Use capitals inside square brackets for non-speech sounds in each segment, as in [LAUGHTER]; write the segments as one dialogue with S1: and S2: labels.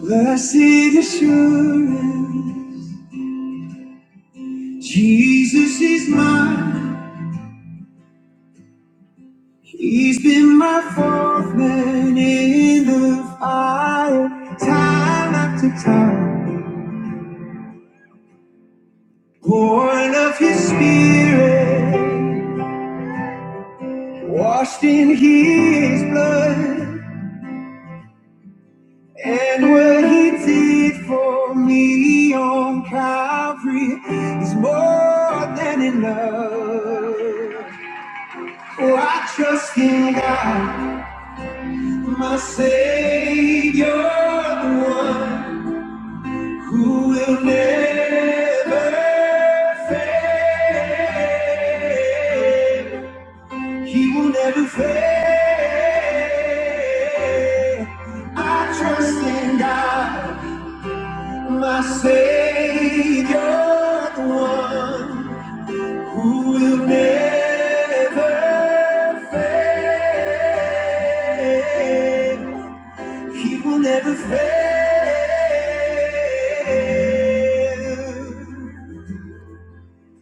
S1: Blessed assurance, Jesus is mine. He's been my fourth man in the fire, time after time. Born of His Spirit, washed in His blood, and what He did for me on Calvary is more than enough. Oh, I trust in God. My Savior, the one who will never fail. He will never fail. I trust in God, my Savior, the one who will never fail. He will never fail.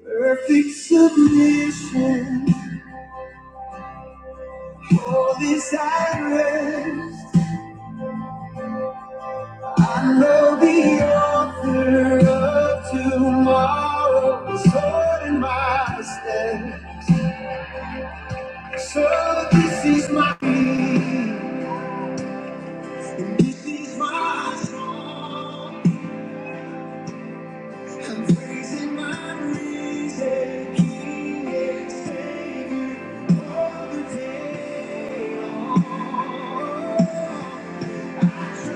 S1: Perfect submission, holy silence. I know the author of tomorrow is holding my stead. So this is my peace, and this is my song. I'm praising my risen King and Savior all the day long. He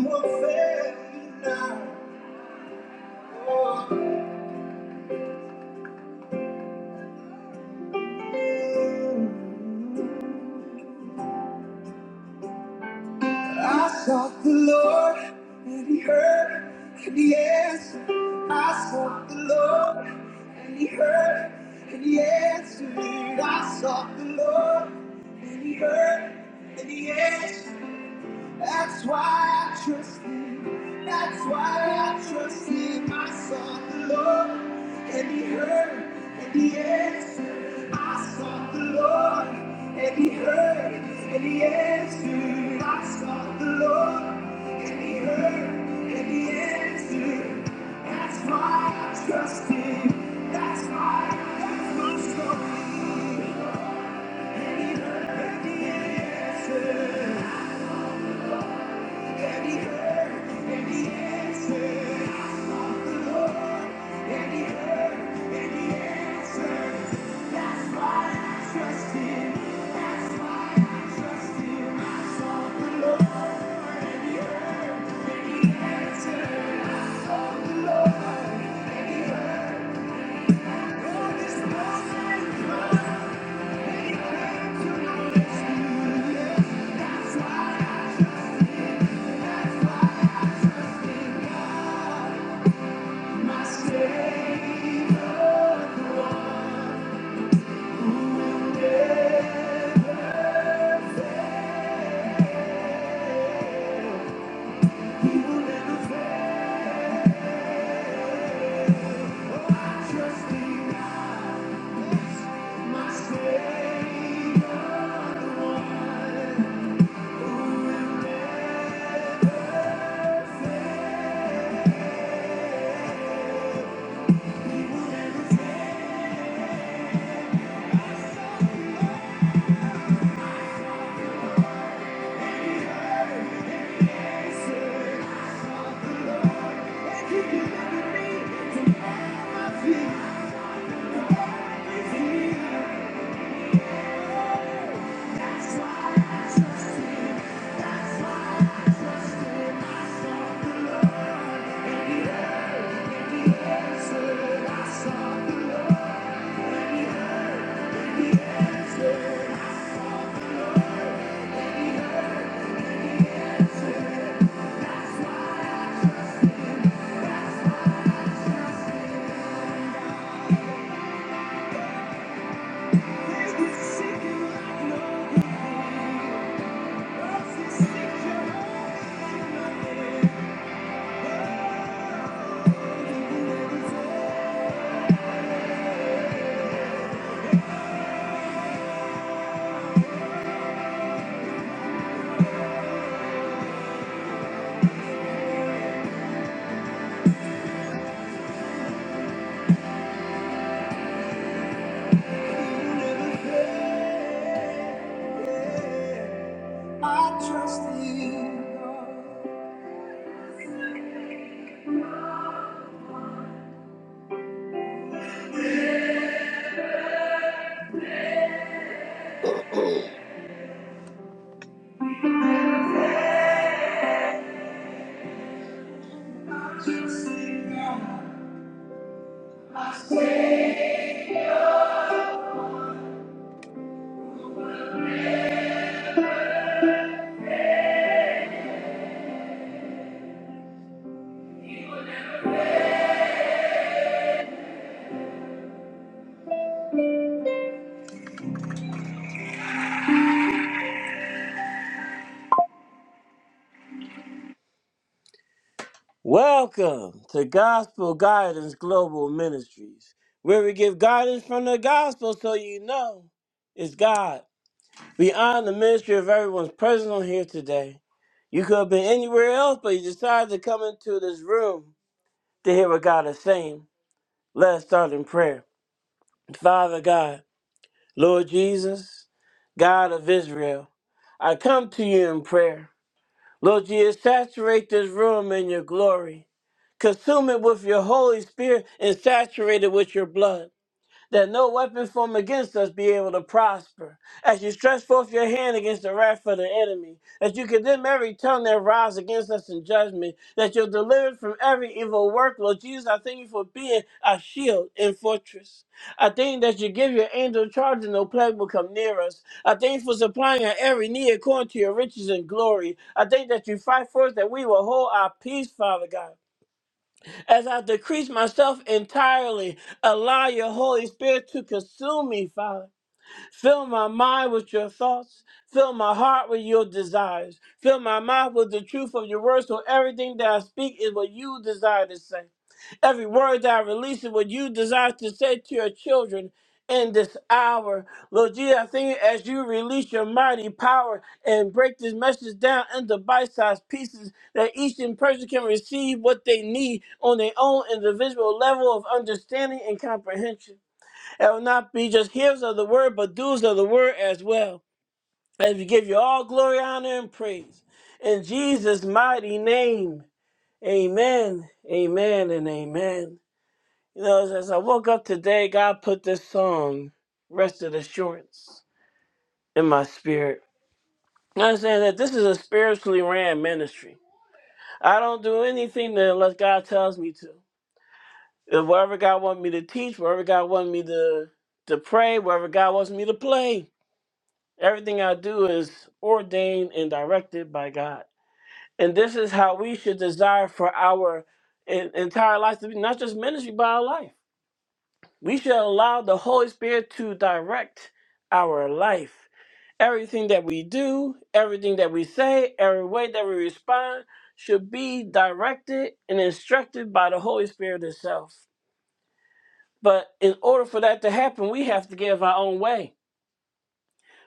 S1: won't fail you now. Oh. I sought the Lord and he heard and he answered. I sought the Lord and he heard and he answered. I sought the Lord and he heard and he answered. That's why I trust him. That's why I trust him. I sought the Lord and he heard and he answered. I sought the Lord and he heard and he answered. I sought the Lord and he heard and he answered. That's why I trust him. That's why I trust my story. And he heard and he answered my Savior, the one. I saw the love when he heard, when he answered. I saw Welcome to Gospel Guidance Global Ministries, where we give guidance from the gospel so you know it's God We honor the ministry of everyone's present on here today. You could have been anywhere else, but you decided to come into this room to hear what God is saying. Let us start in prayer. Father God, Lord Jesus, God of Israel, I come to you in prayer. Lord Jesus, saturate this room in your glory. Consume it with your Holy Spirit and saturate it with your blood. that no weapon formed against us be able to prosper. As you stretch forth your hand against the wrath of the enemy, that you condemn every tongue that rise against us in judgment, that you're delivered from every evil work. Lord Jesus, I thank you for being our shield and fortress. I thank you that you give your angel charge and no plague will come near us. I thank you for supplying our every need according to your riches and glory. I thank that you fight for us that we will hold our peace, Father God. As I decrease myself entirely, allow your Holy Spirit to consume me, Father. Fill my mind with your thoughts. Fill my heart with your desires. Fill my mouth with the truth of your words so everything that I speak is what you desire to say. Every word that I release is what you desire to say to your children in this hour. Lord Jesus, I thank you as you release your mighty power and break this message down into bite sized pieces that each in person can receive what they need on their own individual level of understanding and comprehension. It will not be just hearers of the word, but doers of the word as well. As we give you all glory, honor, and praise. In Jesus' mighty name, amen, amen, and amen. You know, as, as I woke up today, God put this song, Rested Assurance, in my spirit. You understand that this is a spiritually ran ministry. I don't do anything that unless God tells me to. If whatever God wants me to teach, wherever God wants me to, to pray, wherever God wants me to play. Everything I do is ordained and directed by God. And this is how we should desire for our en- entire life to be not just ministry, but our life. We should allow the Holy Spirit to direct our life. Everything that we do, everything that we say, every way that we respond should be directed and instructed by the Holy Spirit itself. But in order for that to happen, we have to get out of our own way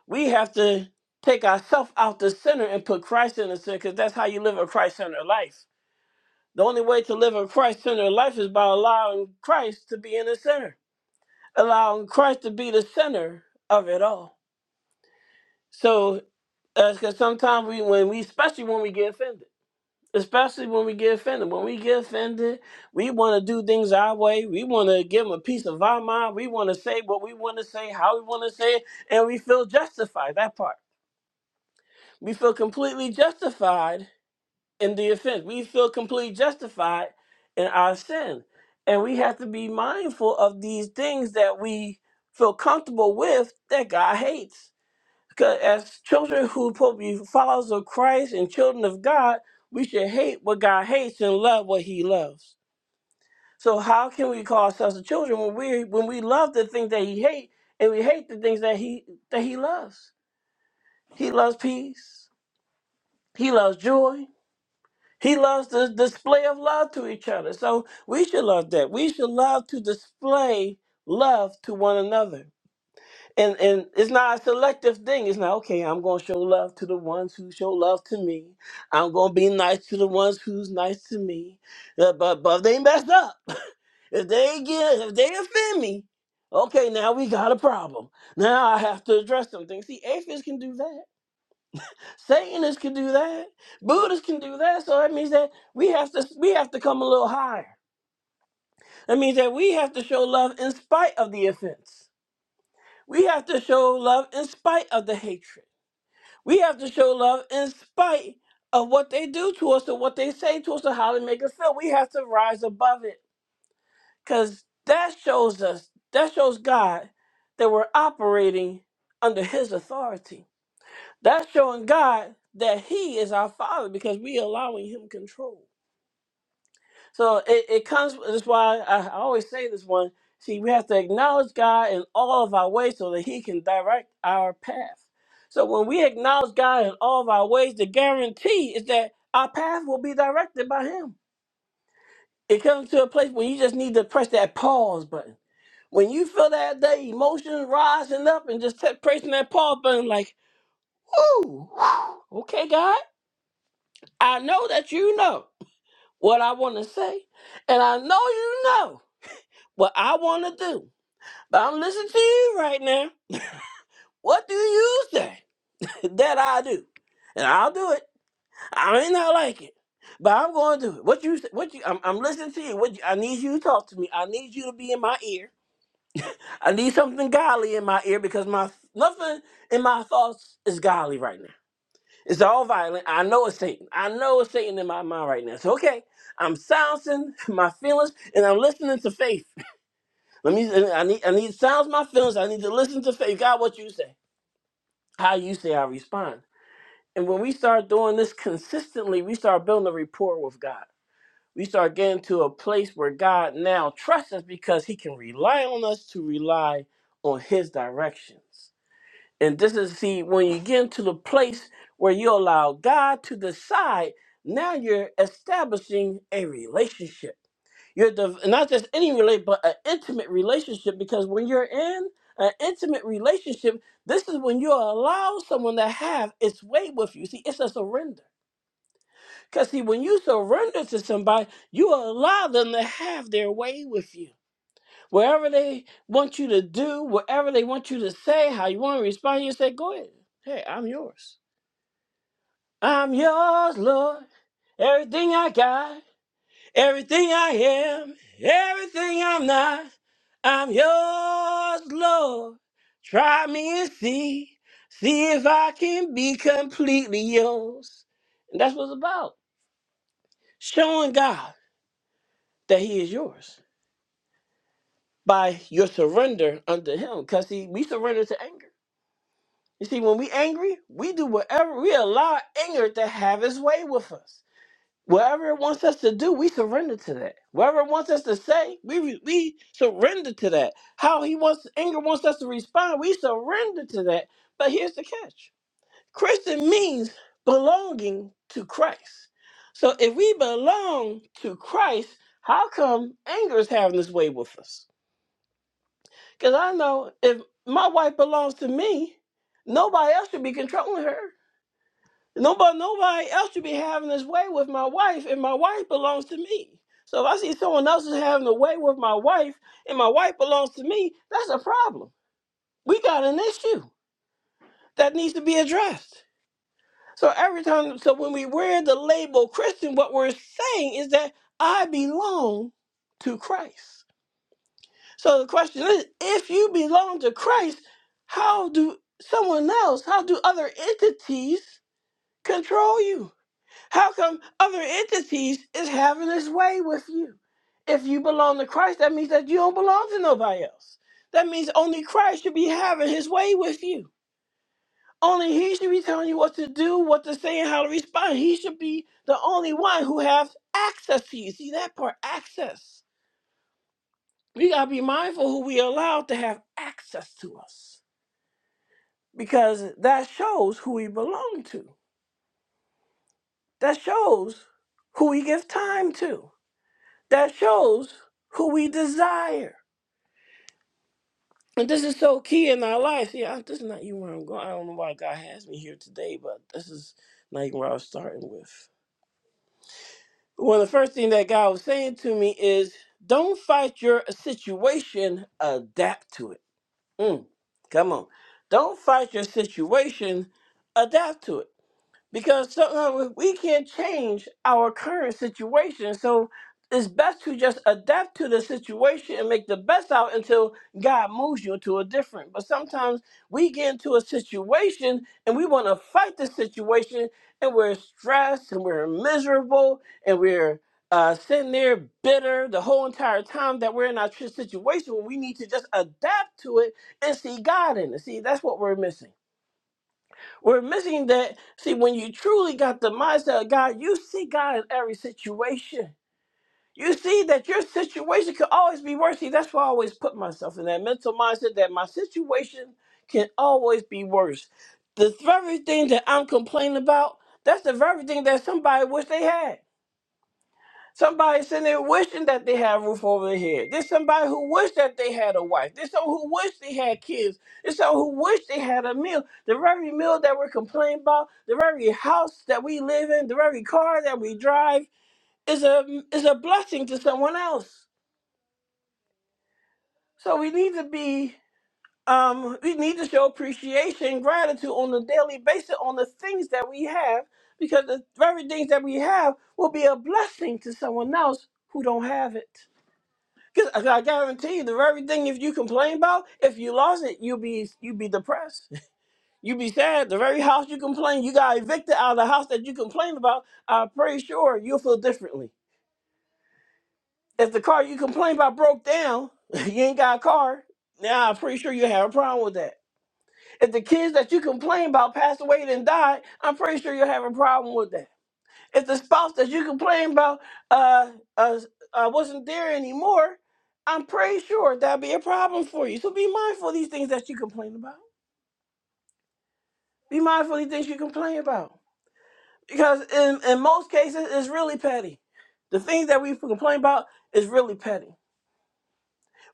S1: We have to take ourselves out the center and put Christ in the center because that's how you live a Christ centered life. The only way to live a Christ centered life is by allowing Christ to be in the center, allowing Christ to be the center of it all. So, because sometimes we, when we, especially when we get offended, especially when we get offended, when we get offended, we want to do things our way. We want to give them a piece of our mind. We want to say what we want to say, how we want to say it, and we feel justified. That part. We feel completely justified in the offense. We feel completely justified in our sin. And we have to be mindful of these things that we feel comfortable with that God hates. Because as children who probably followers of Christ and children of God, we should hate what God hates and love what he loves. So how can we call ourselves the children when we when we love the things that he hates and we hate the things that he that he loves? He loves peace. He loves joy. He loves the display of love to each other. So we should love that. We should love to display love to one another. And and it's not a selective thing. It's not okay, I'm gonna show love to the ones who show love to me. I'm gonna be nice to the ones who's nice to me. Uh, But but if they messed up. [LAUGHS] If they get if they offend me, okay, now we got a problem. Now I have to address them things. See, atheists can do that Satanists can do that. Buddhists can do that. So that means that we have to we have to come a little higher. That means that we have to show love in spite of the offense. We have to show love in spite of the hatred. We have to show love in spite of what they do to us or what they say to us or how they make us feel. We have to rise above it. Cause that shows us, that shows God that we're operating under his authority That's showing God that He is our Father because we allowing Him control. So it, it comes. That's why I, I always say this one. See, we have to acknowledge God in all of our ways so that He can direct our path. So when we acknowledge God in all of our ways, the guarantee is that our path will be directed by Him. It comes to a place where you just need to press that pause button. When you feel that that emotion rising up and just t- pressing that pause button, like, ooh, [SIGHS] okay, God. I know that you know what I want to say, and I know you know what I want to do. But I'm listening to you right now. What do you say [LAUGHS] that I do? And I'll do it. I may not like it, but I'm going to do it. What you? say- What you? I'm, I'm listening to you. What you, I need you to talk to me. I need you to be in my ear. I need something godly in my ear because my nothing in my thoughts is godly right now. It's all violent. I know it's Satan. I know it's Satan in my mind right now. So okay, I'm silencing [LAUGHS] my feelings and I'm listening to faith. Let me. I need. I need to silence my feelings. I need to listen to faith. God, what you say? How you say? I respond. And when we start doing this consistently, we start building a rapport with God. We start getting to a place where God now trusts us because He can rely on us to rely on His directions. And this is see when you get into the place where you allow God to decide. Now you're establishing a relationship. You're the, not just any relate, but an intimate relationship. Because when you're in an intimate relationship, this is when you allow someone to have its way with you. See, it's a surrender. Because see, when you surrender to somebody, you allow them to have their way with you. Wherever they want you to do, whatever they want you to say, how you want to respond, you say, go ahead. Hey, I'm yours. I'm yours, Lord. Everything I got, everything I am, everything I'm not, I'm yours, Lord. Try me and see. See if I can be completely yours. And that's what it's about. Showing God that He is yours by your surrender unto Him. Because we surrender to anger. You see, when we angry, we do whatever we allow anger to have its way with us. Whatever it wants us to do, we surrender to that. Whatever it wants us to say, we we surrender to that. How he wants anger wants us to respond, we surrender to that. But here's the catch: Christian means belonging to Christ. So if we belong to Christ, how come anger is having this way with us? Because I know if my wife belongs to me, nobody else should be controlling her. Nobody, nobody else should be having this way with my wife, and my wife belongs to me. So if I see someone else is having a way with my wife, and my wife belongs to me, that's a problem. We got an issue that needs to be addressed. So every time, so when we wear the label Christian, what we're saying is that I belong to Christ. So the question is, if you belong to Christ, how do someone else, how do other entities control you? How come other entities is having its way with you? If you belong to Christ, that means that you don't belong to nobody else. That means only Christ should be having his way with you. Only he should be telling you what to do, what to say, and how to respond. He should be the only one who has access to you. See that part, access. We gotta be mindful who we allow to have access to us. Because that shows who we belong to. That shows who we give time to That shows who we desire. And this is so key in our lives. Yeah, I- this is not even where I'm going. I don't know why God has me here today, but this is not even where I was starting with. One of the first things that God was saying to me is don't fight your situation, adapt to it. Mm, come on. Don't fight your situation, adapt to it. because sometimes we can't change our current situation. So it's best to just adapt to the situation and make the best out until God moves you to a different. But sometimes we get into a situation and we want to fight the situation and we're stressed and we're miserable and we're uh, sitting there bitter the whole entire time that we're in our tr- situation when we need to just adapt to it and see God in it. See, that's what we're missing. We're missing that. See, when you truly got the mindset of God, you see God in every situation. You see that your situation could always be worse. See, that's why I always put myself in that mental mindset that my situation can always be worse. The very thing that I'm complaining about, that's the very thing that somebody wish they had. Somebody sitting there wishing that they had a roof over their head. There's somebody who wished that they had a wife. There's some who wish they had kids. There's some who wish they had a meal. The very meal that we're complaining about, the very house that we live in, the very car that we drive is a is a blessing to someone else. So we need to be um, we need to show appreciation, gratitude on a daily basis on the things that we have, because the very things that we have will be a blessing to someone else who don't have it. Cause I guarantee you, the very thing if you complain about, if you lost it, you will be you be depressed, [LAUGHS] you be sad. The very house you complain, you got evicted out of the house that you complain about. I'm pretty sure you'll feel differently. If the car you complain about broke down, [LAUGHS] you ain't got a car. Now I'm pretty sure you have a problem with that. If the kids that you complain about passed away and died, I'm pretty sure you'll have a problem with that If the spouse that you complain about uh, uh, uh, wasn't there anymore, I'm pretty sure that'd be a problem for you. So be mindful of these things that you complain about. Be mindful of these things you complain about. Because in, in most cases, it's really petty. The things that we complain about is really petty.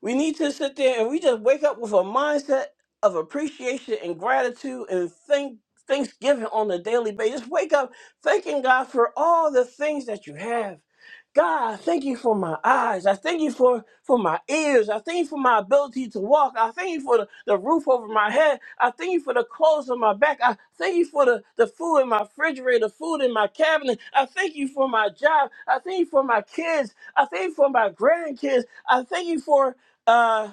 S1: We need to sit there and we just wake up with a mindset of appreciation and gratitude and thank thanksgiving on a daily basis. Wake up thanking God for all the things that you have. God, I thank you for my eyes. I thank you for, for my ears. I thank you for my ability to walk. I thank you for the, the roof over my head. I thank you for the clothes on my back. I thank you for the, the food in my refrigerator, food in my cabinet. I thank you for my job. I thank you for my kids. I thank you for my grandkids. I thank you for uh,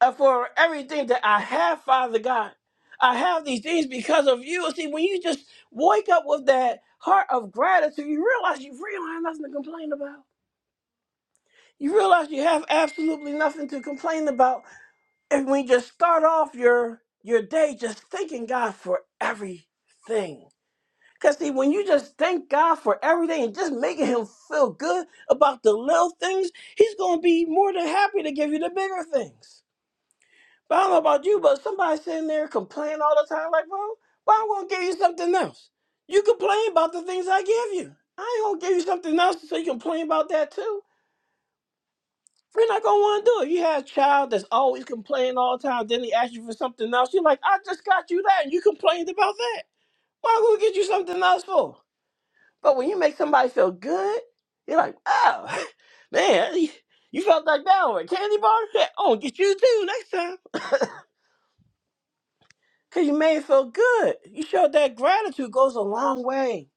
S1: uh, for everything that I have, Father God. I have these things because of you. See, when you just wake up with that heart of gratitude, you realize you really have nothing to complain about. You realize you have absolutely nothing to complain about. And we just start off your your day just thanking God for everything. Because see, when you just thank God for everything and just making him feel good about the little things, he's gonna be more than happy to give you the bigger things. But I don't know about you, but somebody sitting there complaining all the time, like, well, why I'm gonna give you something else? You complain about the things I give you. I ain't gonna give you something else so you complain about that too. We're not gonna wanna do it. You have a child that's always complaining all the time, then they ask you for something else. You're like, I just got you that, and you complained about that. Why I'm gonna get you something else for? But when you make somebody feel good, you're like, oh, [LAUGHS] man, you felt like that on a candy bar? Yeah, I'm gonna get you too next time. Cause you made it feel good. You showed that gratitude goes a long way.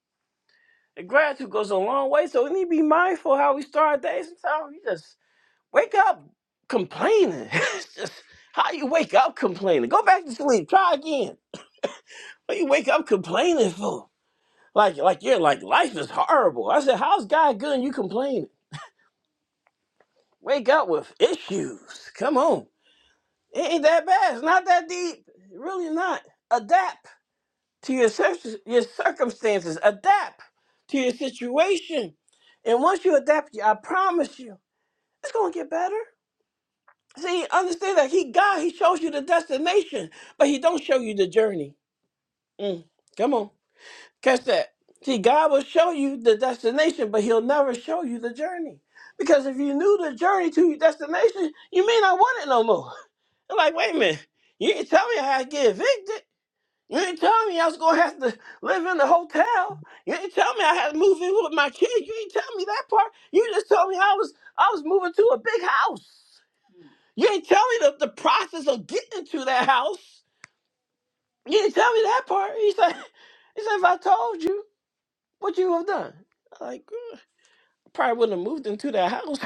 S1: The gratitude goes a long way. So we need to be mindful how we start our day. Sometimes you just wake up complaining. [LAUGHS] it's just how you wake up complaining. Go back to sleep. Try again. What you wake up complaining for? Like like you're like life is horrible. I said, how's God good and you complaining? Wake up with issues. Come on. It ain't that bad. It's not that deep. Really not. Adapt. to your, cir- your circumstances. Adapt to your situation. And once you adapt, I promise you, it's going to get better. See, understand that he God, he shows you the destination, but he don't show you the journey. Mm, come on. Catch that. See, God will show you the destination, but he'll never show you the journey. Because if you knew the journey to your destination, you may not want it no more. [LAUGHS] I'm Like, wait a minute, you ain't tell me how I get evicted. You didn't tell me I was gonna have to live in a hotel. You didn't tell me I had to move in with my kids. You didn't tell me that part. You just told me I was I was moving to a big house. You didn't tell me the, the process of getting to that house. You didn't tell me that part. He said, [LAUGHS] he said, if I told you, what you would have done? I'm Like, "Mm, probably wouldn't have moved into that house.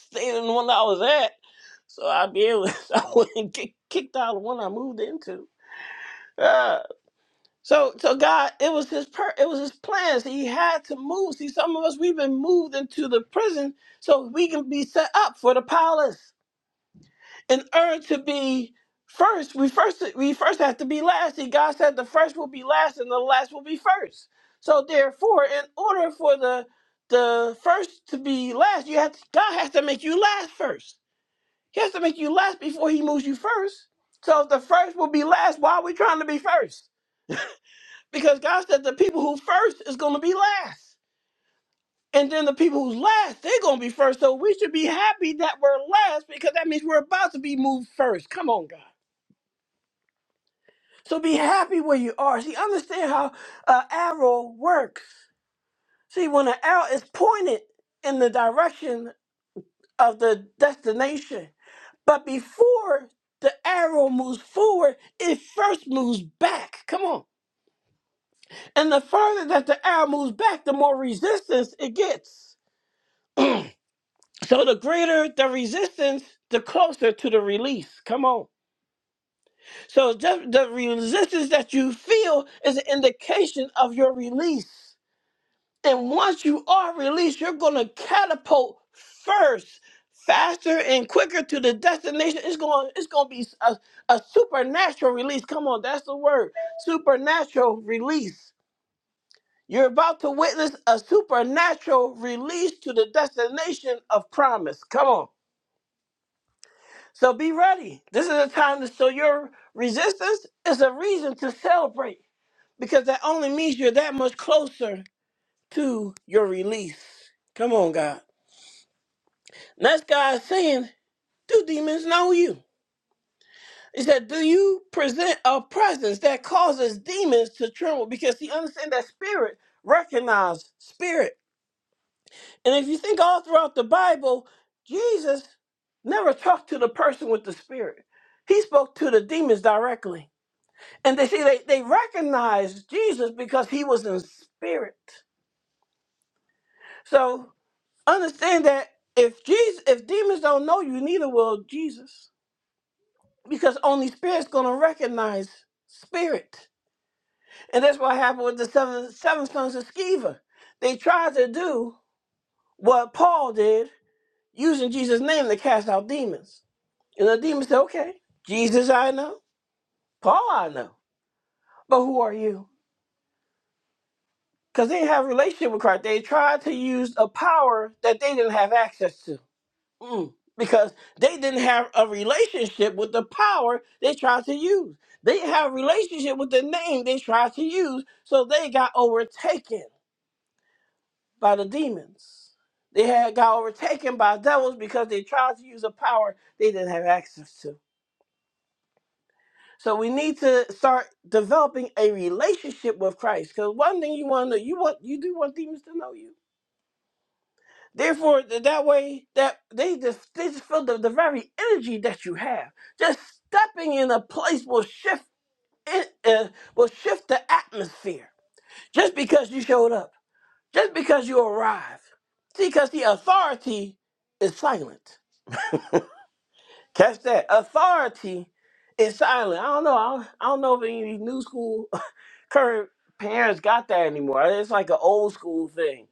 S1: [LAUGHS] Stayed in the one that I was at. So I'd be able [LAUGHS] I wouldn't get kicked out of the one I moved into. Yeah. So, so God, it was his per, it was his plans. He had to move. See, some of us we've been moved into the prison so we can be set up for the palace. In order to be first, we first we first have to be last. See, God said the first will be last and the last will be first. So therefore, in order for the the first to be last, you have to, God has to make you last first. He has to make you last before He moves you first. So if the first will be last, why are we trying to be first? Because God said the people who first is going to be last. And then the people who's last, they're going to be first. So we should be happy that we're last because that means we're about to be moved first. Come on, God. So be happy where you are. See, understand how an arrow works. See, when an arrow is pointed in the direction of the destination, but before the arrow moves forward, it first moves back. Come on. And the further that the arrow moves back, the more resistance it gets. So the greater the resistance, the closer to the release. Come on. So just the resistance that you feel is an indication of your release. And once you are released, you're going to catapult first, faster and quicker to the destination. It's going it's going to be a, a supernatural release. Come on, that's the word. Supernatural release. You're about to witness a supernatural release to the destination of promise. Come on. So be ready. This is a time to show your resistance. It's a reason to celebrate because that only means you're that much closer to your release. Come on, God. And that's God saying, Do demons know you? He said, Do you present a presence that causes demons to tremble? Because he understands that spirit recognizes spirit. And if you think all throughout the Bible, Jesus never talked to the person with the spirit. He spoke to the demons directly. And they see they, they recognized Jesus because he was in spirit. So understand that if Jesus if demons don't know you, neither will Jesus. Because only spirit's gonna recognize spirit. And that's what happened with the seven seven sons of Sceva. They tried to do what Paul did using Jesus' name to cast out demons. And the demons said, Okay, Jesus I know, Paul I know. But who are you? because they didn't have a relationship with Christ. They tried to use a power that they didn't have access to. Mm. Because they didn't have a relationship with the power they tried to use. They didn't have a relationship with the name they tried to use, so they got overtaken by the demons. They had got overtaken by devils because they tried to use a power they didn't have access to. So we need to start developing a relationship with Christ. Because one thing you want to you want you do want demons to know you. Therefore, th- that way, that they just they just feel the, the very energy that you have. Just stepping in a place will shift it uh, will shift the atmosphere. Just because you showed up, just because you arrived. See, because the authority is silent. Catch that. Authority is silent. I don't know. I don't, I don't know if any new school [LAUGHS] current parents got that anymore. It's like an old school thing.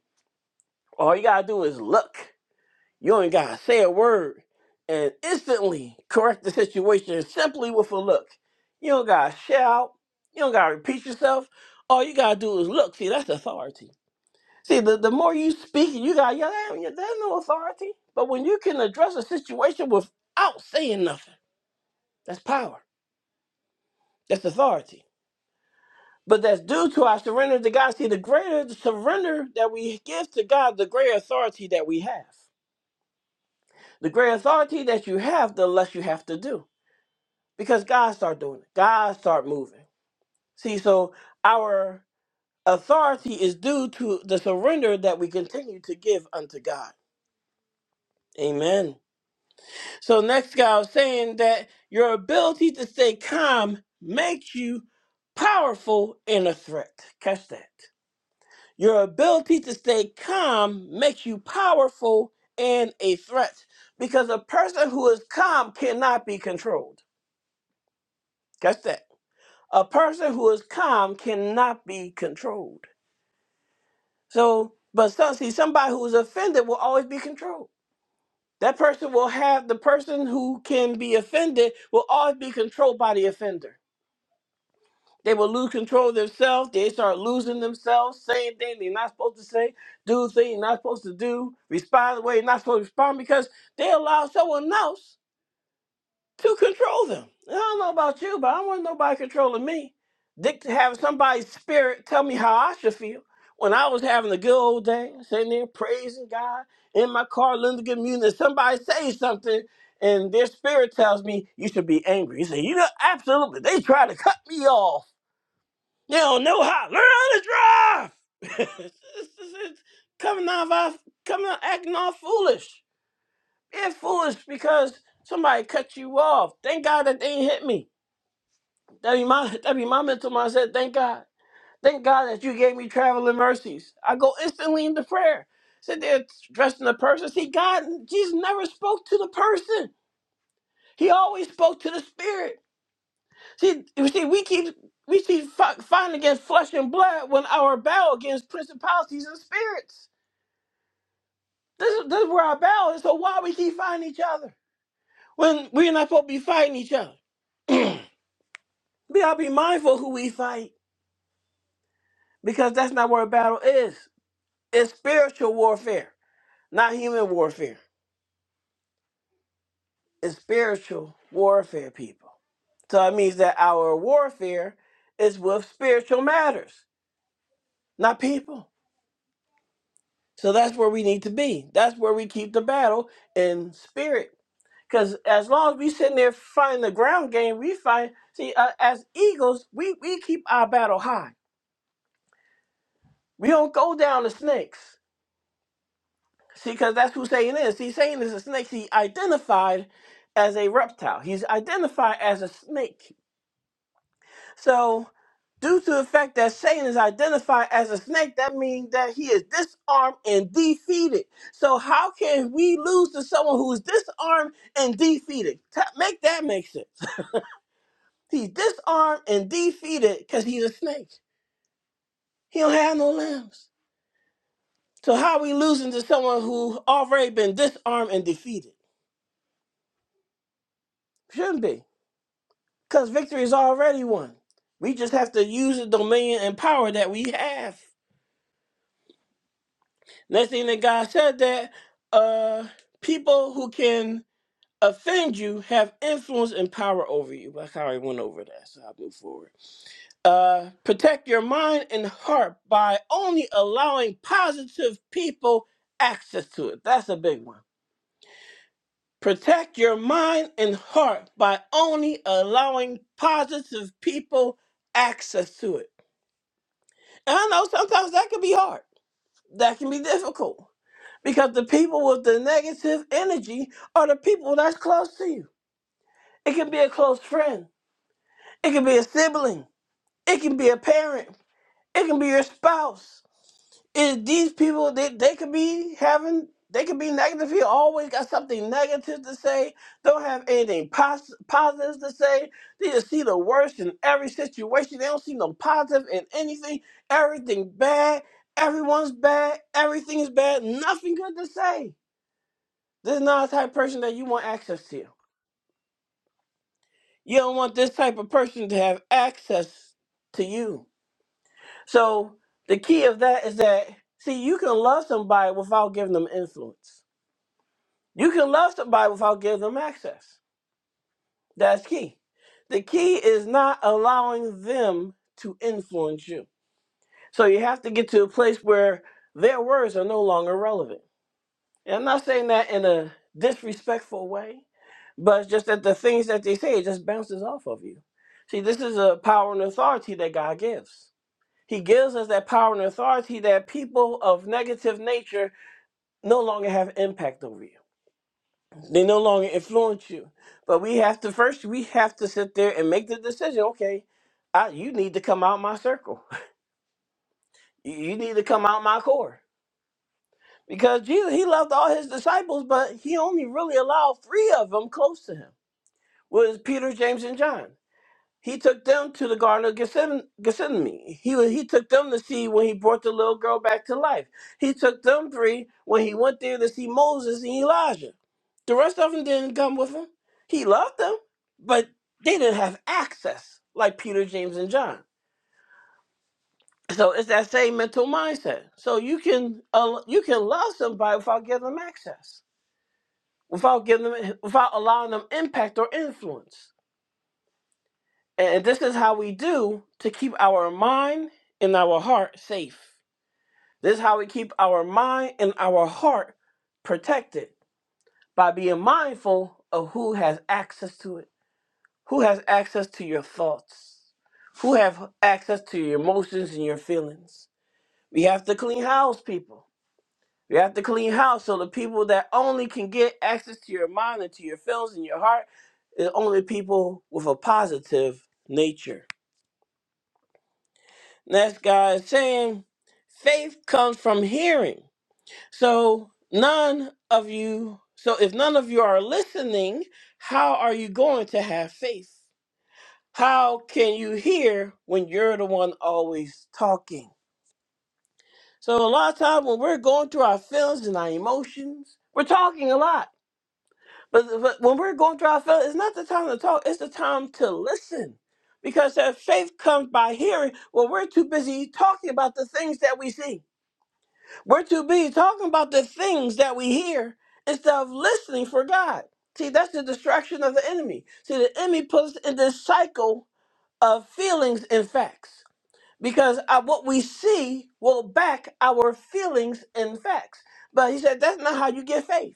S1: All you gotta do is look. You ain't gotta say a word and instantly correct the situation simply with a look. You don't gotta shout. You don't gotta repeat yourself. All you gotta do is look. See, that's authority. See, the, the more you speak, you gotta yell at them. There's no authority. But when you can address a situation without saying nothing, that's power. That's authority. But that's due to our surrender to God. See, the greater the surrender that we give to God, the greater authority that we have. The greater authority that you have, the less you have to do. because God start doing it. God start moving. See, so our authority is due to the surrender that we continue to give unto God. Amen. So next guy was saying that your ability to stay calm makes you powerful in a threat. Catch that. Your ability to stay calm makes you powerful in a threat because a person who is calm cannot be controlled. Catch that. A person who is calm cannot be controlled. So, but some, see, somebody who is offended will always be controlled. That person will have the person who can be offended will always be controlled by the offender. They will lose control of themselves. They start losing themselves, saying things they're not supposed to say, do things they're not supposed to do, respond the way they're not supposed to respond because they allow someone else to control them. And I don't know about you, but I don't want nobody controlling me. Dick to have somebody's spirit tell me how I should feel when I was having a good old day, sitting there praising God in my car, listening to good music. And somebody says something, and their spirit tells me you should be angry. You say, you know, absolutely. They try to cut me off. They don't know how. Learn how to drive. [LAUGHS] it's, it's, it's coming off, off- coming out acting all foolish. Being foolish because somebody cut you off. Thank God that they ain't hit me. That be my [LAUGHS] that be my mental mindset. Thank God. Thank God that you gave me traveling mercies. I go instantly into prayer. Sit there dressed in the person. See, God, Jesus never spoke to the person. He always spoke to the spirit. See, you see, we keep we keep fi- fighting against flesh and blood when our battle against principalities and spirits. This is this is where our battle is. So why we keep fighting each other when we're not supposed to be fighting each other? [CLEARS THROAT] We gotta be mindful who we fight because that's not where a battle is. It's spiritual warfare, not human warfare. It's spiritual warfare, people. So it means that our warfare is with spiritual matters, not people. So that's where we need to be. That's where we keep the battle in spirit. Because as long as we sitting there fighting the ground game, we fight. See, uh, as eagles, we, we keep our battle high. We don't go down to snakes. See, because that's who Satan is. See, Satan is a snake. He identified as a reptile. He's identified as a snake. So, due to the fact that Satan is identified as a snake, that means that he is disarmed and defeated. So, how can we lose to someone who is disarmed and defeated? Ta- Make that make sense. [LAUGHS] he's disarmed and defeated because he's a snake. He don't have no limbs. So, how are we losing to someone who already been disarmed and defeated? Shouldn't be. Because victory is already won. We just have to use the dominion and power that we have. Next thing that God said that uh people who can offend you have influence and power over you. But I already went over that, so I'll move forward. Uh protect your mind and heart by only allowing positive people access to it. That's a big one. Protect your mind and heart by only allowing positive people access to it And I know sometimes that can be hard. That can be difficult because the people with the negative energy are the people that's close to you. It can be a close friend. It can be a sibling. It can be a parent. It can be your spouse. is these people they, they could be having they could be negative He always got something negative to say don't have anything pos- positive to say they just see the worst in every situation they don't see no positive in anything everything bad everyone's bad everything is bad nothing good to say this is not the type of person that you want access to you don't want this type of person to have access to you so the key of that is that see you can love somebody without giving them influence You can love somebody without giving them access. That's key. The key is not allowing them to influence you. So you have to get to a place where their words are no longer relevant. And I'm not saying that in a disrespectful way, but it's just that the things that they say it just bounces off of you. See, this is a power and authority that God gives. He gives us that power and authority that people of negative nature no longer have impact over you. They no longer influence you. But we have to first we have to sit there and make the decision, okay, I, you need to come out my circle. [LAUGHS] You you need to come out my core. Because Jesus, he loved all his disciples, but he only really allowed three of them close to him. Was Peter, James, and John. He took them to the Garden of Gethsemane. Gethsemane. He wa- he took them to see when he brought the little girl back to life. He took them three when he went there to see Moses and Elijah. The rest of them didn't come with him. He loved them, but they didn't have access like Peter, James, and John. So it's that same mental mindset. So you can uh, you can love somebody without giving them access, without giving them without allowing them impact or influence. And this is how we do to keep our mind and our heart safe. This is how we keep our mind and our heart protected by being mindful of who has access to it, who has access to your thoughts, who have access to your emotions and your feelings. We have to clean house, people. We have to clean house so the people that only can get access to your mind and to your feelings and your heart is only people with a positive nature That's God saying faith comes from hearing. So none of you, so if none of you are listening, how are you going to have faith? How can you hear when you're the one always talking? So a lot of times when we're going through our feelings and our emotions, we're talking a lot. But, but when we're going through our feelings, it's not the time to talk, it's the time to listen. Because that faith comes by hearing. Well, we're too busy talking about the things that we see. We're too busy talking about the things that we hear instead of listening for God. See, that's the distraction of the enemy. See, the enemy puts us in this cycle of feelings and facts because uh, what we see will back our feelings and facts. But he said that's not how you get faith.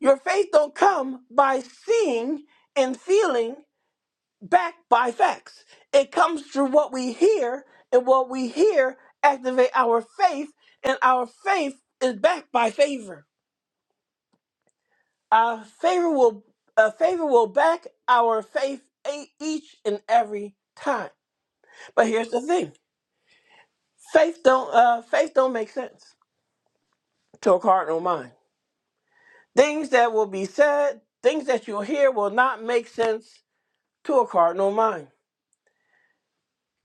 S1: Your faith don't come by seeing and feeling backed by facts. It comes through what we hear, and what we hear activate our faith, and our faith is backed by favor. Our favor will uh, favor will back our faith e- each and every time. But here's the thing: faith don't uh, faith don't make sense to a cardinal mind. Things that will be said, things that you'll hear, will not make sense to a cardinal mind.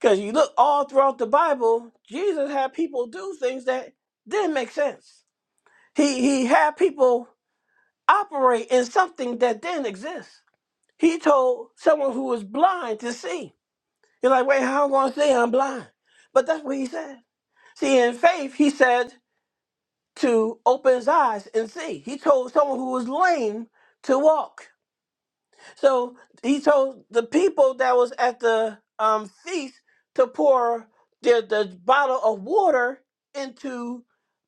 S1: Because you look all throughout the Bible, Jesus had people do things that didn't make sense. He he had people operate in something that didn't exist. He told someone who was blind to see. You're like, wait, how am I going to see I'm blind? But that's what he said. See, in faith, he said to open his eyes and see. He told someone who was lame to walk. So he told the people that was at the um, feast to pour the, the bottle of water into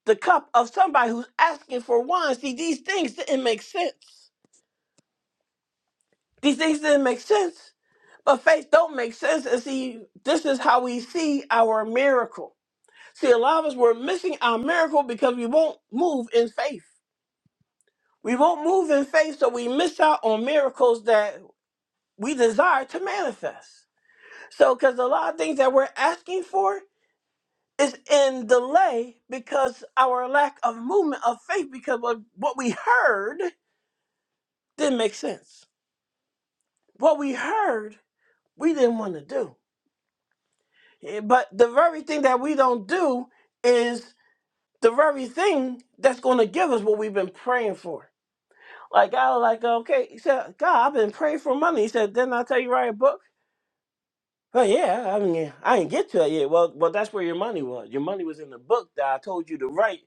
S1: the cup of somebody who's asking for wine. See, these things didn't make sense. These things didn't make sense, but faith don't make sense. And see, this is how we see our miracle. See, a lot of us we're missing our miracle because we won't move in faith. We won't move in faith, so we miss out on miracles that we desire to manifest. So, because a lot of things that we're asking for is in delay because our lack of movement of faith, because what what we heard didn't make sense. What we heard, we didn't want to do. Eh, But the very thing that we don't do is the very thing that's going to give us what we've been praying for. Like, I was like, okay, he said, God, I've been praying for money. He said, didn't I tell you write a book? Well, yeah, I mean, I didn't get to it yet. Well, well, that's where your money was. Your money was in the book that I told you to write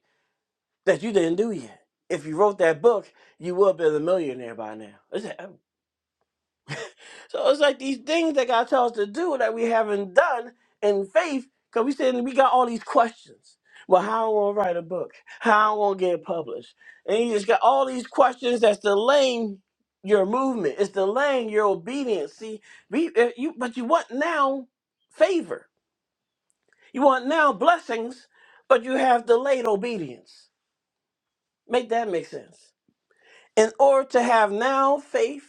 S1: that you didn't do yet. If you wrote that book, you would have been a millionaire by now. It's like- um, so it's like these things that God tells us to do that we haven't done in faith, because we said we got all these questions. Well, how am I gonna write a book? How am I gonna get it published? And you just got all these questions that's delaying your movement. It's delaying your obedience. See, we, eh, you, but you want now favor. You want now blessings, but you have delayed obedience. Make that make sense? in order to have now faith,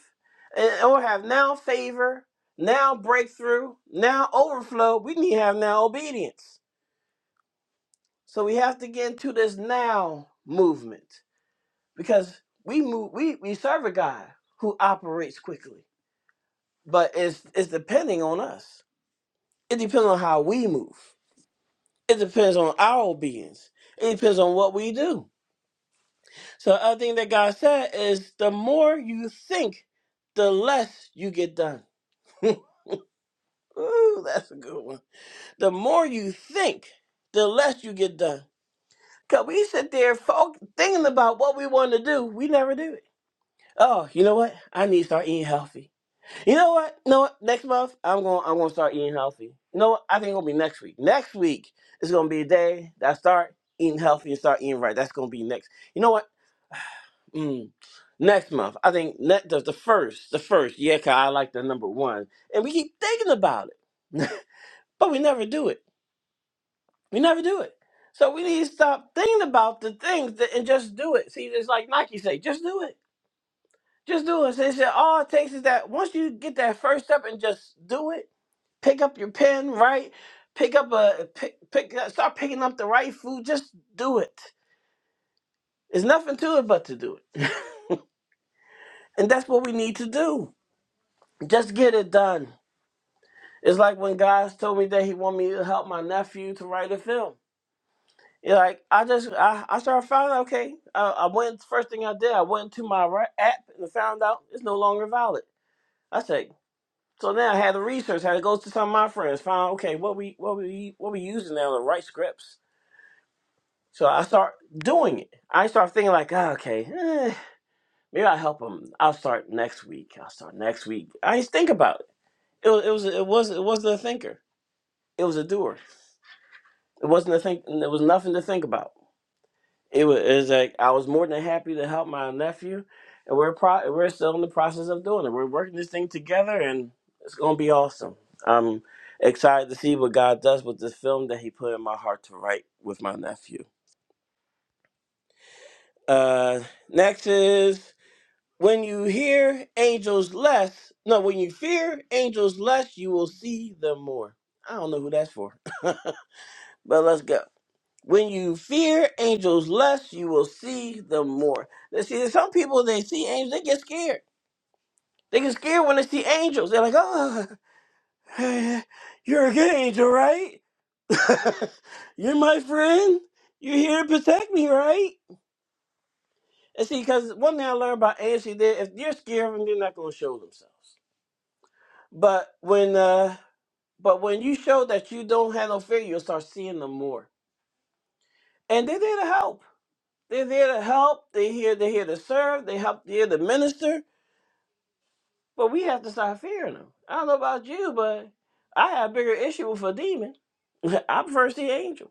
S1: or have now favor, now breakthrough, now overflow, we need to have now obedience. So we have to get into this now movement because we move we, we serve a God who operates quickly. But it's it's depending on us. It depends on how we move. It depends on our obedience. It depends on what we do. So the other thing that God said is the more you think, the less you get done. [LAUGHS] Ooh, that's a good one. The more you think, the less you get done. Cause we sit there folk thinking about what we want to do, we never do it. Oh, you know what? I need to start eating healthy. You know what? You know what? Next month, I'm going. to I'm going to start eating healthy. You know what? I think it'll be next week. Next week is going to be a day that I start eating healthy and start eating right. That's going to be next. You know what? Mm, next month, I think ne- the, the first, the first. Yeah, cause I like the number one, and we keep thinking about it, [LAUGHS] but we never do it. We never do it. So we need to stop thinking about the things that, and just do it. See, it's like Nike say, just do it. Just do it. So it's just- all it takes is that once you get that first step and just do it, pick up your pen, right? Pick up a pick, pick uh, start picking up the right food. Just do it. There's nothing to it but to do it, [LAUGHS] and that's what we need to do. Just get it done. It's like when guys told me that he wanted me to help my nephew to write a film. Yeah, like I just I, I started finding out, okay. Uh, I went first thing I did I went to my ri- app and found out it's no longer valid. I said so now I had to research had to go to some of my friends found okay what we what we what we using now to write scripts. So I start doing it. I start thinking like ah, okay eh, maybe I'll help them. I'll start next week. I'll start next week. I didn't think about it. It was it was it was it wasn't a thinker. It was a doer. It wasn't a think. There was nothing to think about. it was, it was like I was more than happy to help my nephew, and we're pro- we're still in the process of doing it. We're working this thing together, and it's gonna be awesome. I'm excited to see what God does with this film that He put in my heart to write with my nephew. Uh, next is when you hear angels less. No, when you fear angels less, you will see them more. I don't know who that's for, [LAUGHS] but let's go. When you fear angels less, you will see them more. Now, see, there's some people they see angels, they get scared. They get scared when they see angels. They're like, "Oh, [LAUGHS] [SIGHS] you're a good angel, right? [LAUGHS] you're my friend. You're here to protect me, right?" And see, because one thing I learned about angels, see, they if they're scared of them, they're not going to show themselves. But when, uh, but when you show that you don't have no fear, you'll start seeing them more, and they're there to help. They're there to help. They're here. They're here to serve. They help. They're here to minister. But we have to start fearing them. I don't know about you, but I have a bigger issue with a demon. [LAUGHS] I prefer to see angel.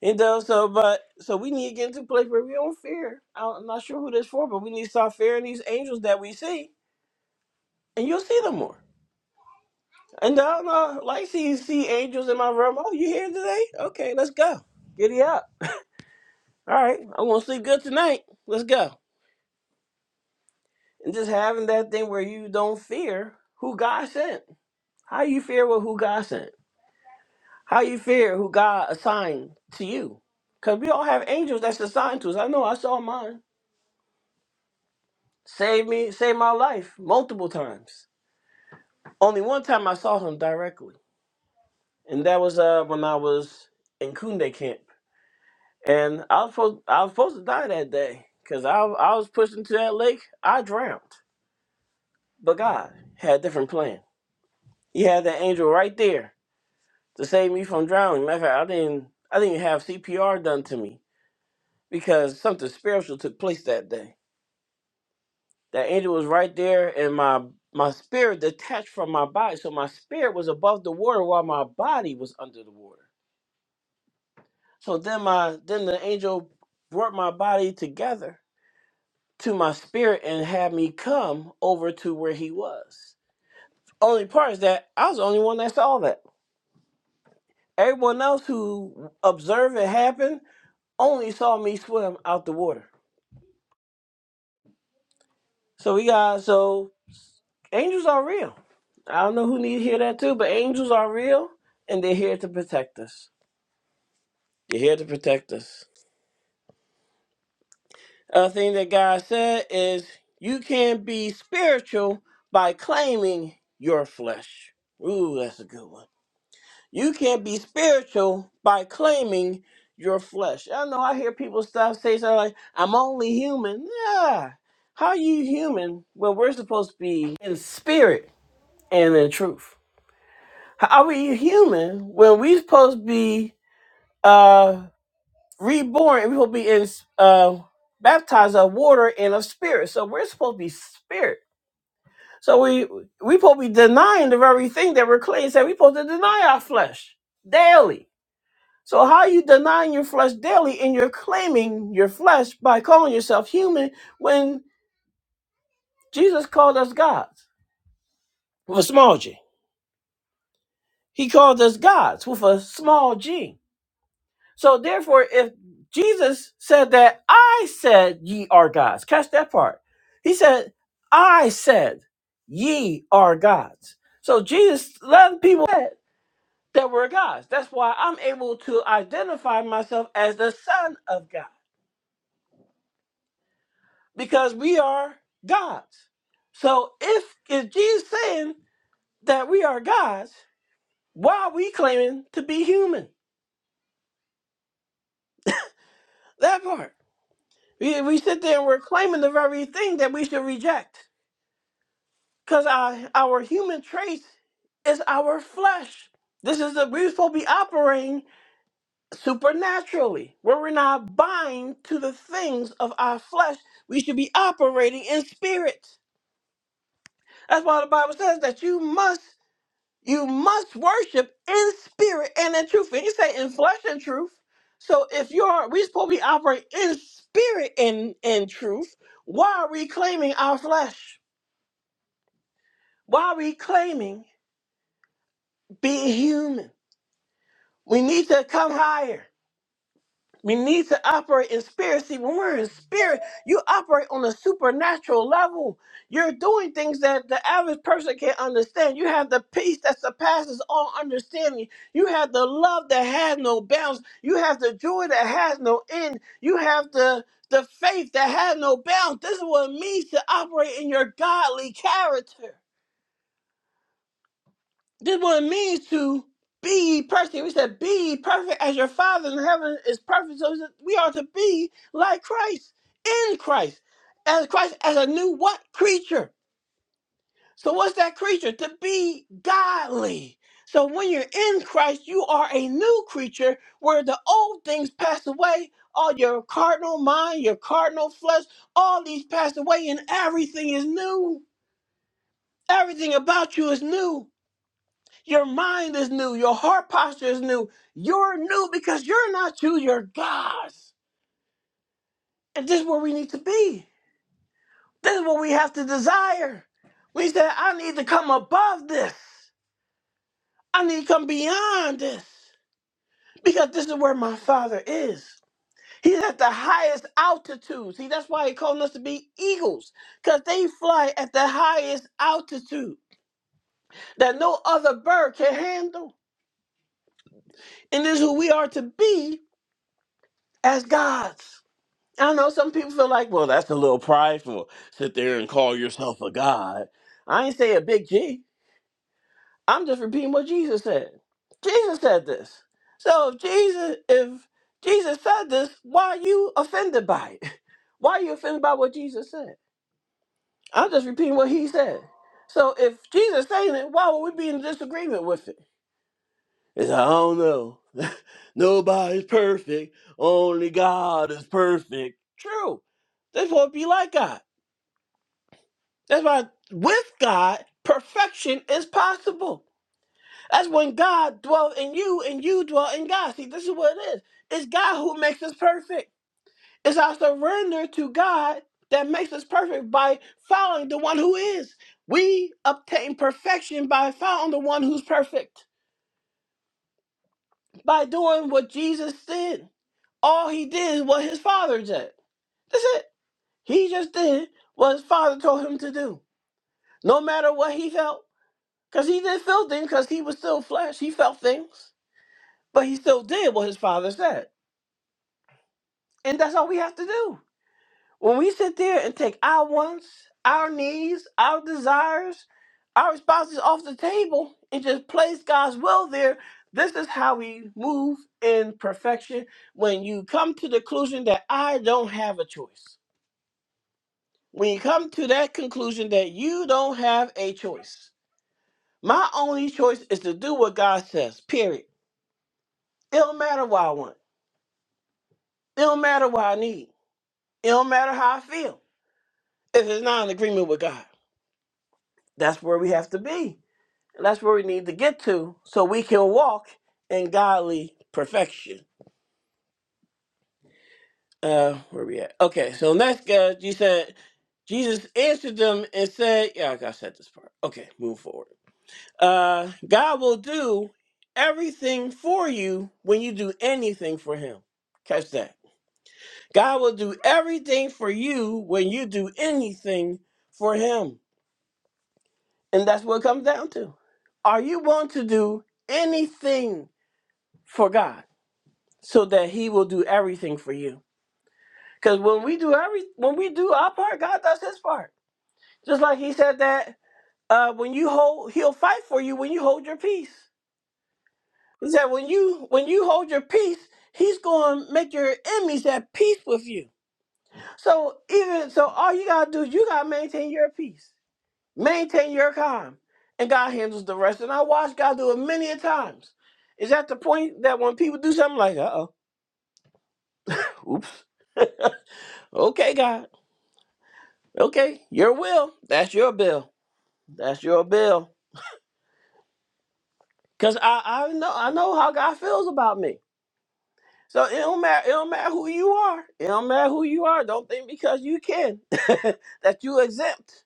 S1: You know, so but so we need to get into a place where we don't fear. I don't- I'm not sure who this for, but we need to start fearing these angels that we see, and you'll see them more. And I don't know, like see see angels in my room. Oh, you here today? Okay, let's go. Giddy up. All right, I'm gonna sleep good tonight. Let's go. and just having that thing where you don't fear who God sent. How you fear with who God sent? How you fear who God assigned to you? Because we all have angels that's assigned to us. I know I saw mine. Saved me, saved my life multiple times. Only one time I saw him directly. And that was uh, when I was in Kunde camp. And I was supposed, I was supposed to die that day because I, I was pushed into that lake. I drowned. But God had a different plan. He had that angel right there to save me from drowning. Matter of fact, I didn't I didn't even have CPR done to me because something spiritual took place that day. That angel was right there and my my spirit detached from my body. So my spirit was above the water while my body was under the water. So then my then the angel brought my body together to my spirit and had me come over to where he was. Only part is that I was the only one that saw that. Everyone else who observed it happen only saw me swim out the water. So we got so angels are real. I don't know who need to hear that too, but angels are real and they're here to protect us. They're here to protect us. Other thing that God said is you can be spiritual by claiming your flesh. Ooh, that's a good one. You can be spiritual by claiming your flesh. I know I hear people stop say something like, I'm only human. Yeah. How are you human when we're supposed to be in spirit and in truth? How are you human when we supposed to be uh reborn and we supposed to be in uh baptized of water and of spirit? So we're supposed to be spirit. So we we supposed to be denying the very thing that we're claiming that we supposed to deny our flesh daily. So how are you denying your flesh daily and you're claiming your flesh by calling yourself human when Jesus called us gods with a small g. He called us gods with a small g. So therefore, if Jesus said that I said ye are gods, catch that part. He said, I said ye are gods. So Jesus let people said that we're gods. That's why I'm able to identify myself as the son of God. Because we are gods. So if if Jesus saying that we are gods, why are we claiming to be human? That part. We, we sit there and we're claiming the very thing that we should reject Because our, our human traits is our flesh. This is the, we're supposed to be operating supernaturally, where we're not bind to the things of our flesh. We should be operating in spirit. That's why the Bible says that you must, you must worship in spirit and in truth. And you say in flesh and truth. So if you're, we're supposed to be operating in spirit and in truth. Why are we claiming our flesh? Why are we claiming being human? We need to come higher. We need to operate in spirit. See, when we're in spirit, you operate on a supernatural level. You're doing things that the average person can't understand. You have the peace that surpasses all understanding. You have the love that has no bounds. You have the joy that has no end. You have the the faith that has no bounds. This is what it means to operate in your godly character. This is what it means to be ye perfect. We said, be ye perfect as your Father in heaven is perfect. So we said we are to be like Christ, in Christ, as Christ, as a new what? Creature. So what's that creature? To be godly. So when you're in Christ, you are a new creature where the old things pass away. All your cardinal mind, your cardinal flesh, all these pass away and everything is new. Everything about you is new. Your mind is new. Your heart posture is new. You're new because you're not you, you're God's. And this is where we need to be. This is what we have to desire. We say, I need to come above this. I need to come beyond this. Because this is where my father is. He's at the highest altitude. See, that's why he called us to be eagles. Because they fly at the highest altitude that no other bird can handle. And this is who we are to be as gods. I know some people feel like, well, that's a little prideful. Sit there and call yourself a god. I ain't say a big G. I'm just repeating what Jesus said. Jesus said this. So if Jesus, if Jesus said this, why are you offended by it? [LAUGHS] Why are you offended by what Jesus said? I'm just repeating what he said. So if Jesus saying it, why would we be in disagreement with it? It's I don't know. [LAUGHS] Nobody's perfect. Only God is perfect. True. This won't be like God. That's why with God, perfection is possible. That's when God dwells in you and you dwell in God. See, this is what it is. It's God who makes us perfect. It's our surrender to God that makes us perfect by following the one who is. We obtain perfection by following the one who's perfect, by doing what Jesus did. All he did is what his father did. That's it. He just did what his father told him to do. No matter what he felt, Because he did feel things because he was still flesh. He felt things, but he still did what his father said. And that's all we have to do. When we sit there and take our wants, our needs, our desires, our responses off the table and just place God's will there, this is how we move in perfection. When you come to the conclusion that I don't have a choice, when you come to that conclusion that you don't have a choice, my only choice is to do what God says, period. It don't matter what I want. It don't matter what I need. It don't matter how I feel. If it's not in agreement with God, that's where we have to be. And that's where we need to get to so we can walk in godly perfection. Uh, where we at? Okay, so next, uh, you said Jesus answered them and said, "Yeah, I got said this part." Okay, move forward. Uh, God will do everything for you when you do anything for Him. Catch that. God will do everything for you when you do anything for Him. And that's what it comes down to. Are you willing to do anything for God so that He will do everything for you? Because when we do every when we do our part, God does His part. Just like He said that uh, when you hold, He'll fight for you when you hold your peace. He said when you when you hold your peace, He's going to make your enemies at peace with you. So even so, all you gotta do, is you gotta maintain your peace. Maintain your calm, and God handles the rest. And I watched God do it many a times. Is at the point that when people do something like, uh oh, oops, [LAUGHS] okay, God, okay, your will, that's your bill, that's your bill, cause I I know I know how God feels about me. So it don't matter, it don't matter who you are, it don't matter who you are. Don't think because you can [LAUGHS] that you exempt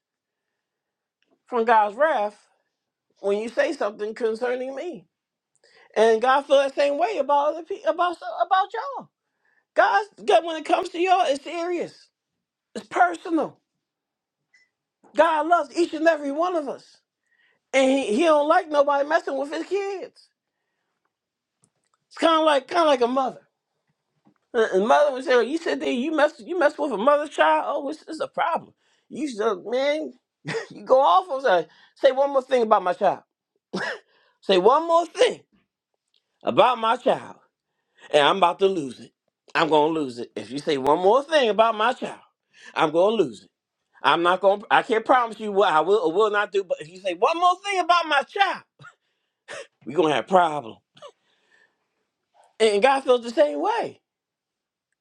S1: from God's wrath when you say something concerning me. And God feel that same way about other pe- about about y'all. God, God, when it comes to y'all, it's serious. It's personal. God loves each and every one of us, and He, he don't like nobody messing with His kids. It's kind of like kind of like a mother. A a mother would say, "You sit there, you mess, you mess with a mother's child. Oh, it's, it's a problem. You should, man, you go off on say, say one more thing about my child. Say one more thing about my child, and I'm about to lose it. I'm gonna lose it if you say one more thing about my child. I'm gonna lose it." I'm not gonna. I can't promise you what I will or will not do. But if you say one more thing about my child, we gonna have problem. And God feels the same way.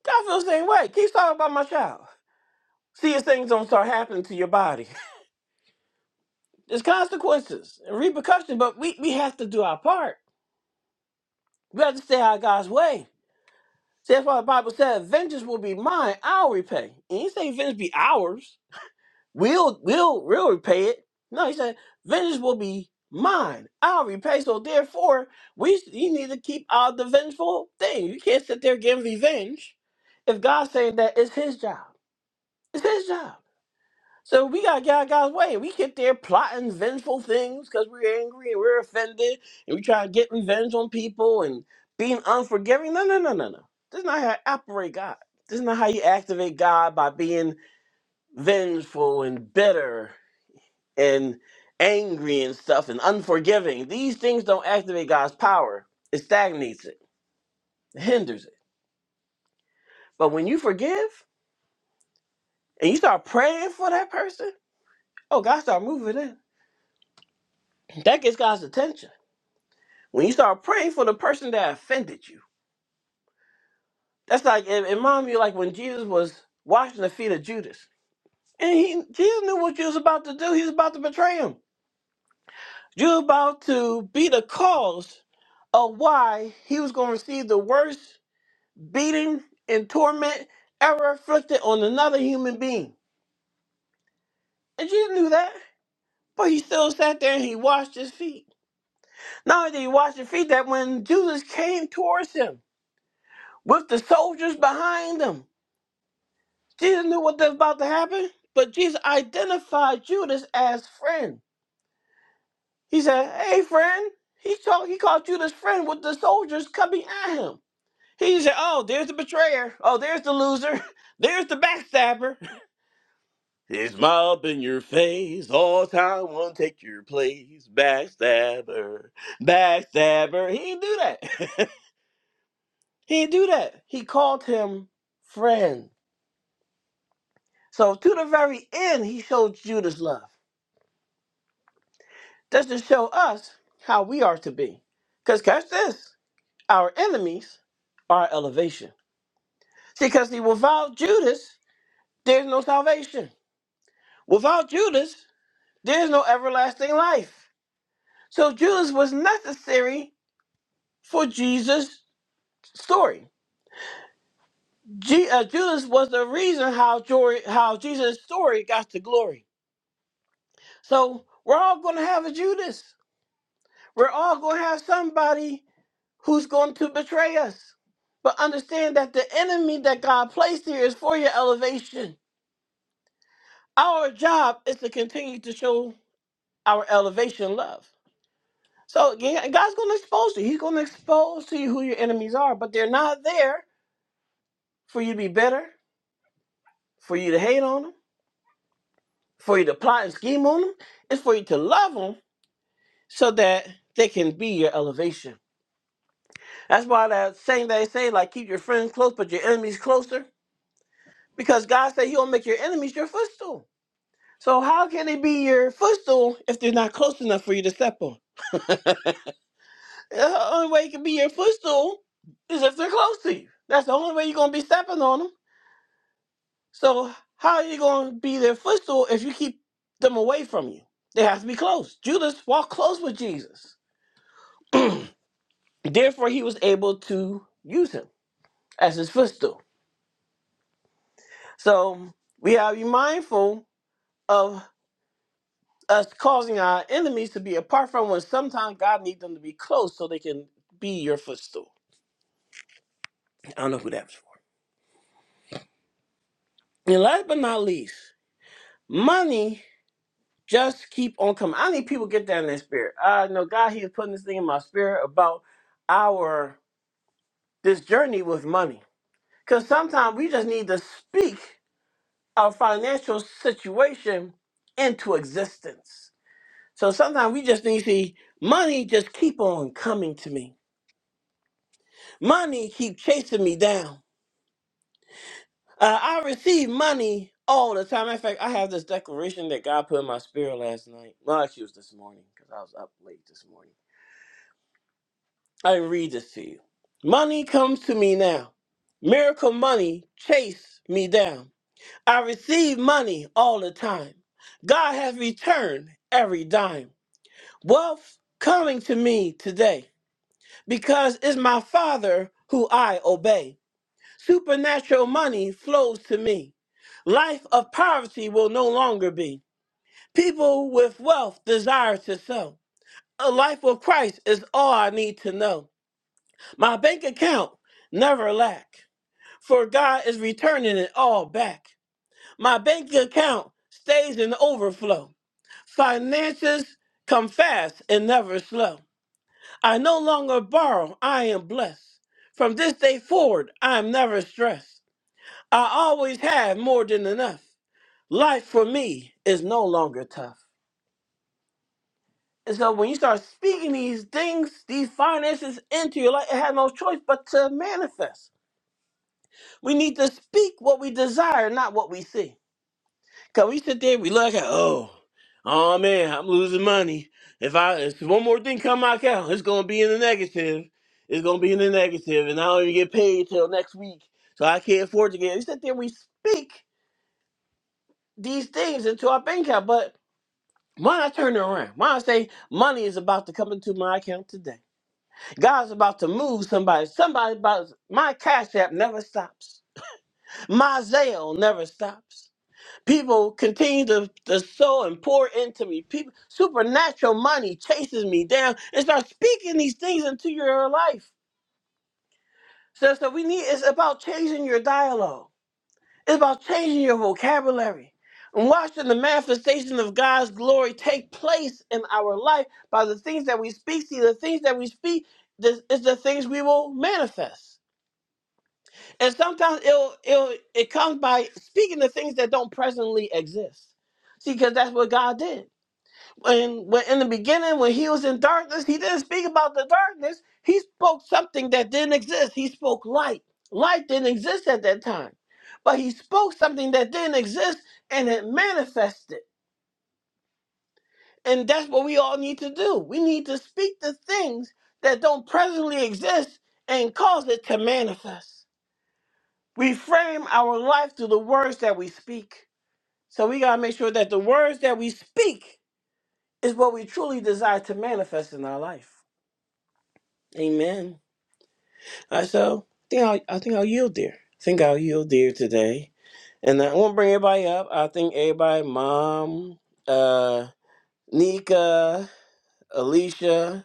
S1: God feels the same way. Keep talking about my child. See if things don't start happening to your body. [LAUGHS] There's consequences and repercussions, but we, we have to do our part. We have to stay out of God's way. See, that's why the Bible said, vengeance will be mine, I'll repay. And he didn't say vengeance be ours. We'll we'll we'll repay it. No, he said, vengeance will be mine. I'll repay. So therefore, we you need to keep out the vengeful thing. You can't sit there getting revenge if God's saying that it's his job. It's his job. So we gotta get out of God's way. We get there plotting vengeful things because we're angry and we're offended and we try to get revenge on people and being unforgiving. No, no, no, no, no. This is not how I operate God. This is not how you activate God by being vengeful and bitter and angry and stuff and unforgiving. These things don't activate God's power. It stagnates it, it hinders it. But when you forgive and you start praying for that person, oh, God start moving in. That gets God's attention. When you start praying for the person that offended you, that's like, and, and mom, you like when Jesus was washing the feet of Judas, and he Jesus knew what Judas was about to do. He was about to betray him. Judas was about to be the cause of why he was going to receive the worst beating and torment ever inflicted on another human being. And Jesus knew that. But he still sat there and he washed his feet. Not only did he wash his feet, that when Jesus came towards him with the soldiers behind him, Jesus knew what was about to happen. But Jesus identified Judas as friend. He said, Hey, friend. He, talk, he called Judas friend with the soldiers coming at him. He said, Oh, there's the betrayer. Oh, there's the loser. [LAUGHS] There's the backstabber. It's my in your face, all time one take your place. Backstabber, backstabber. He didn't do that. [LAUGHS] he didn't do that. He called him friend. So to the very end, he showed Judas love. That's to show us how we are to be. Because catch this, our enemies are elevation. See, because see, without Judas, there's no salvation. Without Judas, there's no everlasting life. So Judas was necessary for Jesus' story. Je- uh, Judas was the reason how joy, how Jesus' story got to glory. So we're all going to have a Judas. We're all going to have somebody who's going to betray us. But understand that the enemy that God placed here is for your elevation. Our job is to continue to show our elevation love. So yeah, God's going to expose you. He's going to expose to you who your enemies are, but they're not there for you to be bitter, for you to hate on them for you to plot and scheme on them. It's for you to love them so that they can be your elevation. That's why that saying they say, like, keep your friends close, but your enemies closer. Because God said He'll make your enemies your footstool. So how can they be your footstool if they're not close enough for you to step on? The only way it can be your footstool is if they're close to you. That's the only way you're gonna be stepping on them. So how are you gonna be their footstool if you keep them away from you? They have to be close. Judas walked close with Jesus. Therefore, he was able to use him as his footstool. So we have to be mindful of us causing our enemies to be apart from when sometimes God needs them to be close so they can be your footstool. I don't know who that was for. And last but not least, money just keep on coming. I need people to get that in their spirit. I know God, He is putting this thing in my spirit about our this journey with money. Because sometimes we just need to speak. our financial situation into existence. So sometimes we just need to see money just keep on coming to me. Money keep chasing me down. Uh, I receive money all the time. In fact, I have this declaration that God put in my spirit last night. Well, actually, it was this morning because I was up late this morning. I read this to you. Money comes to me now. Miracle money chase me down. I receive money all the time. God has returned every dime. Wealth coming to me today because it's my Father who I obey. Supernatural money flows to me. Life of poverty will no longer be. People with wealth desire to sell. A life with Christ is all I need to know. My bank account never lack, for God is returning it all back. My bank account stays in overflow. Finances come fast and never slow. I no longer borrow, I am blessed. From this day forward, I am never stressed. I always have more than enough. Life for me is no longer tough. And so when you start speaking these things, these finances into your life, it has no choice but to manifest. We need to speak what we desire, not what we see. Cause we sit there, we look at, oh, oh man, I'm losing money. If I if one more thing come out, count, it's gonna be in the negative. It's gonna be in the negative, and I don't even get paid till next week, so I can't afford to get. We sit there, we speak these things into our bank account, but why not turn it around? Why not say money is about to come into my account today? God's about to move somebody. Somebody about my cash app never stops. My Zelle never stops. People continue to, to sow and pour into me. People, supernatural money chases me down and start speaking these things into your life. So, so we need it's about changing your dialogue. It's about changing your vocabulary and watching the manifestation of God's glory take place in our life by the things that we speak. See, the things that we speak this is the things we will manifest. And sometimes it'll, it'll, it comes by speaking the things that don't presently exist. See, because that's what God did. when, when in the beginning when he was in darkness he didn't speak about the darkness he spoke something that didn't exist he spoke light light didn't exist at that time but he spoke something that didn't exist and it manifested and that's what we all need to do we need to speak the things that don't presently exist and cause it to manifest we frame our life through the words that we speak so we got to make sure that the words that we speak is what we truly desire to manifest in our life Amen. I so think I'll, I think I'll yield there. I think I'll yield there today, and I won't bring everybody up. I think everybody, Mom, uh, Nika, Alicia,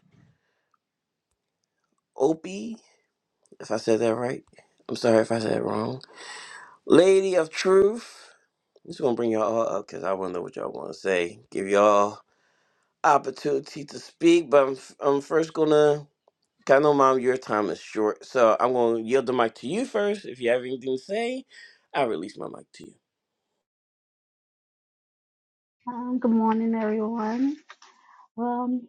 S1: Opie, if I said that right. I'm sorry if I said it wrong. Lady of Truth. I'm just gonna bring y'all all up because I want to know what y'all want to say. Give y'all opportunity to speak, but I'm, I'm first gonna 'Cause I know, Mom, your time is short, so I'm going to yield the mic to you first. If you have anything to say, I'll release my mic to you.
S2: Um, good morning, everyone. Well,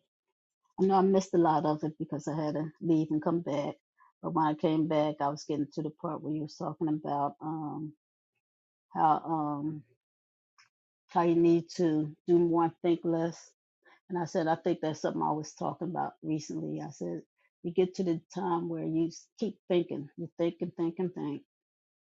S2: I know I missed a lot of it because I had to leave and come back. But when I came back, I was getting to the part where you was talking about um, how um, how you need to do more and think less. And I said, I think that's something I was talking about recently. I said, you get to the time where you s- keep thinking, you think and think and think.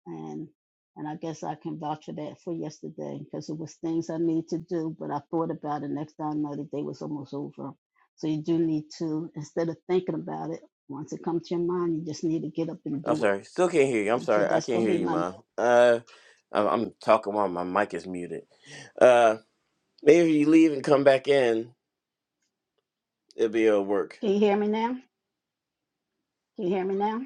S2: and and I guess I can vouch for that for yesterday because it was things I needed to do, but I thought about it. Next time, I know the day was almost over. So you do need to, instead of thinking about it, once it comes to your mind, you just need to get up and
S1: I'm
S2: do it.
S1: sorry, still can't hear you. I'm
S2: And so
S1: sorry, I
S2: that's
S1: can't
S2: gonna
S1: hear
S2: be
S1: you,
S2: my.
S1: Mom. Uh, I'm, I'm talking while my mic is muted. Uh, maybe if you leave and come back in, it'll be it'll work.
S2: Can you hear me now? Can you hear me now?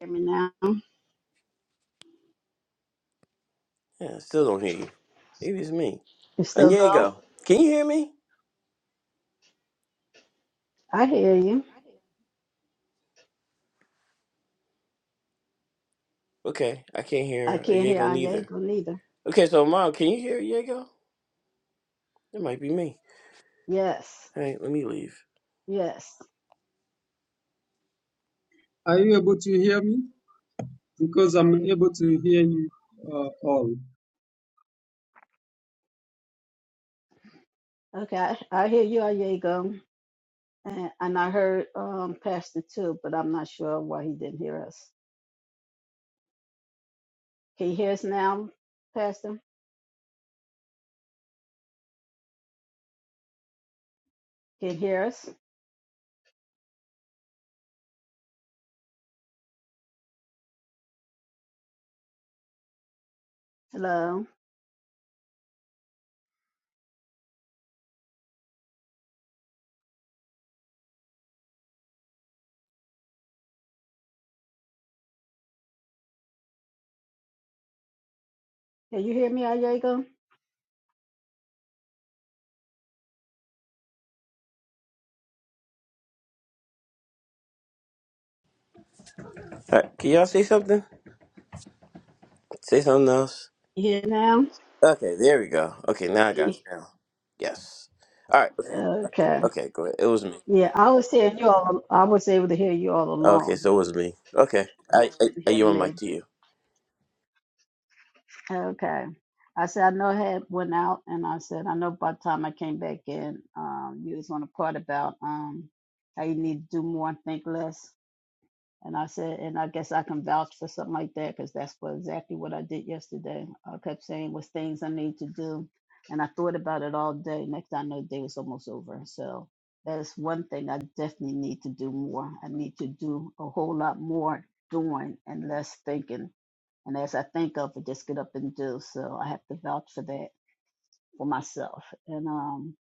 S2: Hear me now? You
S1: Yeah, I still don't hear you. Maybe it's me.
S2: still don't?
S1: Anyego, can you hear me?
S2: I hear you.
S1: Okay, I can't
S2: I
S1: hear
S2: can't hear
S1: Anyego neither.
S2: Anyego neither.
S1: Okay, so Mom, can you hear Anyego? It might be me.
S2: Yes.
S1: All right, let me leave.
S2: Yes.
S3: Are you able to hear me? Because I'm able to hear you uh, all.
S2: Okay. I I hear you, Anyego. And, and I heard um, Pastor too, but I'm not sure why he didn't hear us. Can you hear us now, Pastor? Can you hear us? Hello? Can you hear me, Ayego?
S1: All right, can y'all say something? Say something else.
S2: You hear now?
S1: Okay, there we go. Okay, now I got it
S2: Ye-
S1: now. Yes. All right. Okay.
S2: Okay.
S1: Okay, go ahead. It was me.
S2: Yeah, I was hearing you all. I was able to hear you all
S1: Okay,
S2: along.
S1: so it was me. Okay.
S2: You
S1: I
S2: just
S1: I,
S2: couldn't
S1: I
S2: hear
S1: you on mic
S2: me.
S1: to you.
S2: Okay. I said, I know I had went out, and I said, I know by the time I came back in, um, you was on the part about um, how you need to do more and think less. And I said, and I guess I can vouch for something like that because that's what, exactly what I did yesterday. I kept saying was things I need to do. And I thought about it all day. Next thing I know, the day was almost over. So that's one thing I definitely need to do more. I need to do a whole lot more doing and less thinking. And as I think of it, just get up and do. So I have to vouch for that for myself. And um,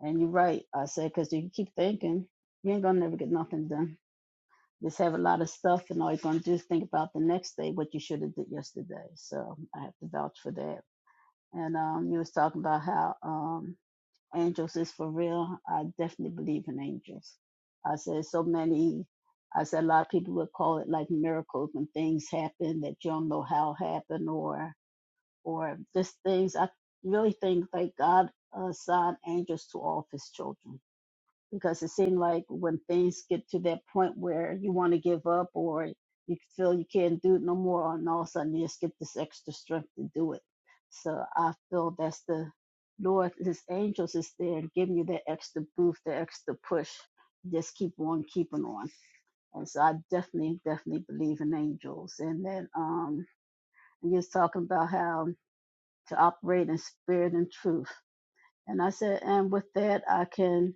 S2: and you're right. I said, because you keep thinking, you ain't gonna never get nothing done just have a lot of stuff and all you're going to do is think about the next day what you should have did yesterday so i have to vouch for that and um you was talking about how um angels is for real i definitely believe in angels i said so many i said a lot of people would call it like miracles when things happen that you don't know how happen or or just things i really think like god assigned angels to all of his children because it seemed like when things get to that point where you want to give up or you feel you can't do it no more, and all of a sudden you just get this extra strength to do it. So I feel that's the Lord, His angels is there giving you that extra boost, that extra push. Just keep on keeping on. And so I definitely, definitely believe in angels. And then um, you was talking about how to operate in spirit and truth. And I said, and with that, I can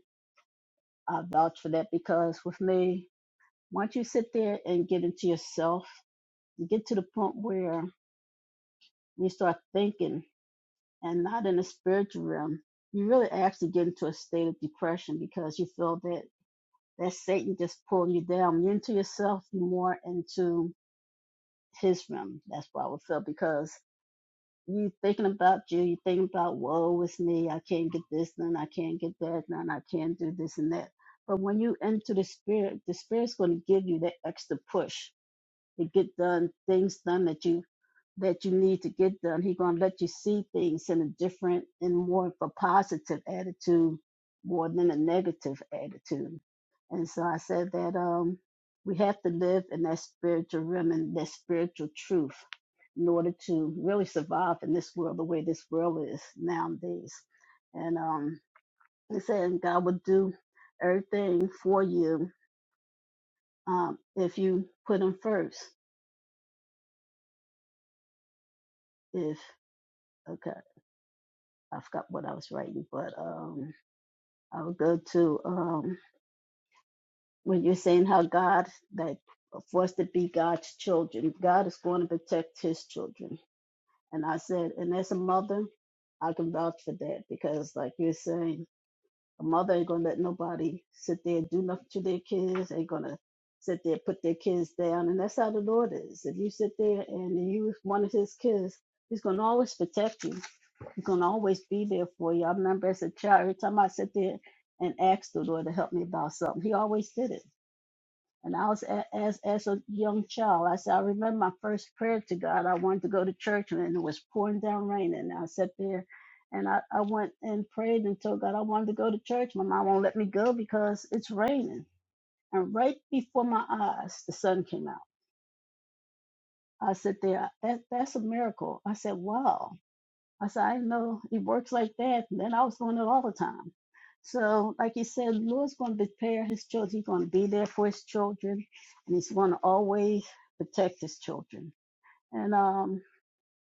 S2: I vouch for that because with me, Once you sit there and get into yourself, you get to the point where you start thinking and not in the spiritual realm, you really actually get into a state of depression because you feel that that Satan just pulling you down. You're into yourself, you're more into his realm. That's what I would feel because you thinking about you, you thinking about woe is me, I can't get this done, I can't get that done, I can't do this and that. But when you enter the spirit, the spirit's going to give you that extra push to get done things done that you that you need to get done. He's gonna let you see things in a different and more of a positive attitude more than a negative attitude. And so I said that um we have to live in that spiritual realm and that spiritual truth in order to really survive in this world the way this world is nowadays. And um he said God will do everything for you um if you put him first. If okay. I forgot what I was writing, but um, I would go to um, when you're saying how God, like, for us to be God's children, God is going to protect His children. And I said, and as a mother, I can vouch for that because, like you're saying, a mother ain't gonna let nobody sit there and do nothing to their kids. Ain't gonna sit there put their kids down. And that's how the Lord is. If you sit there and you one of His kids, He's gonna always protect you. He's gonna always be there for you. I remember as a child, every time I sit there and asked the Lord to help me about something, He always did it. And I was a- as as a young child, I said, I remember my first prayer to God. I wanted to go to church and it was pouring down rain. And I sat there and I, I went and prayed and told God I wanted to go to church. My mom won't let me go because it's raining. And right before my eyes, the sun came out. I sat there, that, that's a miracle. I said, wow. I said, I know it works like that. And then I was doing it all the time. So, like he said, Lord's going to prepare his children. He's going to be there for his children, and he's going to always protect his children. And um,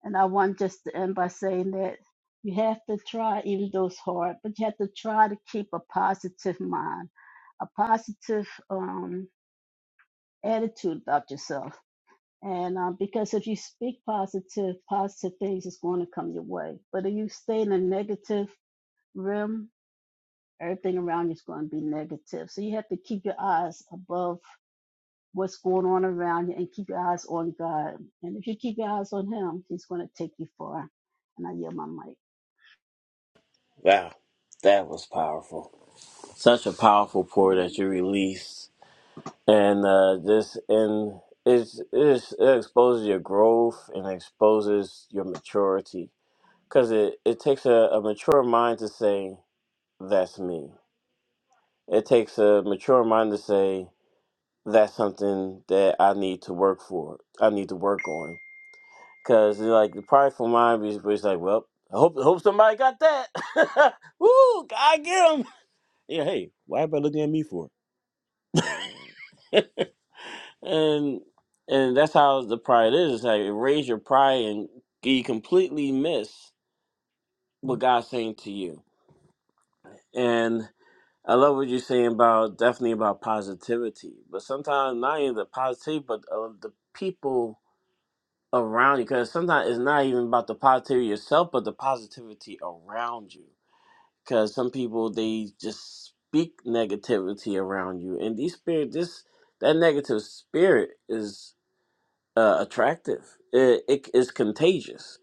S2: and I want just to end by saying that you have to try, even though it's hard, but you have to try to keep a positive mind, a positive um, attitude about yourself. And uh, because if you speak positive, positive things is going to come your way. But if you stay in a negative rim, everything around you is going to be negative. So you have to keep your eyes above what's going on around you and keep your eyes on God. And if you keep your eyes on Him, He's going to take you far. And I yield my mic.
S1: Wow. That was powerful. Such a powerful pour that you released. And uh this and it's, it's it exposes your growth and exposes your maturity because it, it takes a, a mature mind to say that's me. It takes a mature mind to say that's something that I need to work for. I need to work on because like the prideful mind is is like, well, I hope hope somebody got that. [LAUGHS] Woo, God get him. Yeah, hey, why everybody looking at me for? [LAUGHS] and and that's how the pride is. It's like raise your pride and you completely miss what God's saying to you. And I love what you're saying about definitely about positivity, but sometimes not even the positivity, but uh, the people around you because sometimes it's not even about the positivity yourself but the positivity around you because some people they just speak negativity around you and these spirit this that negative spirit is uh, attractive it, it is contagious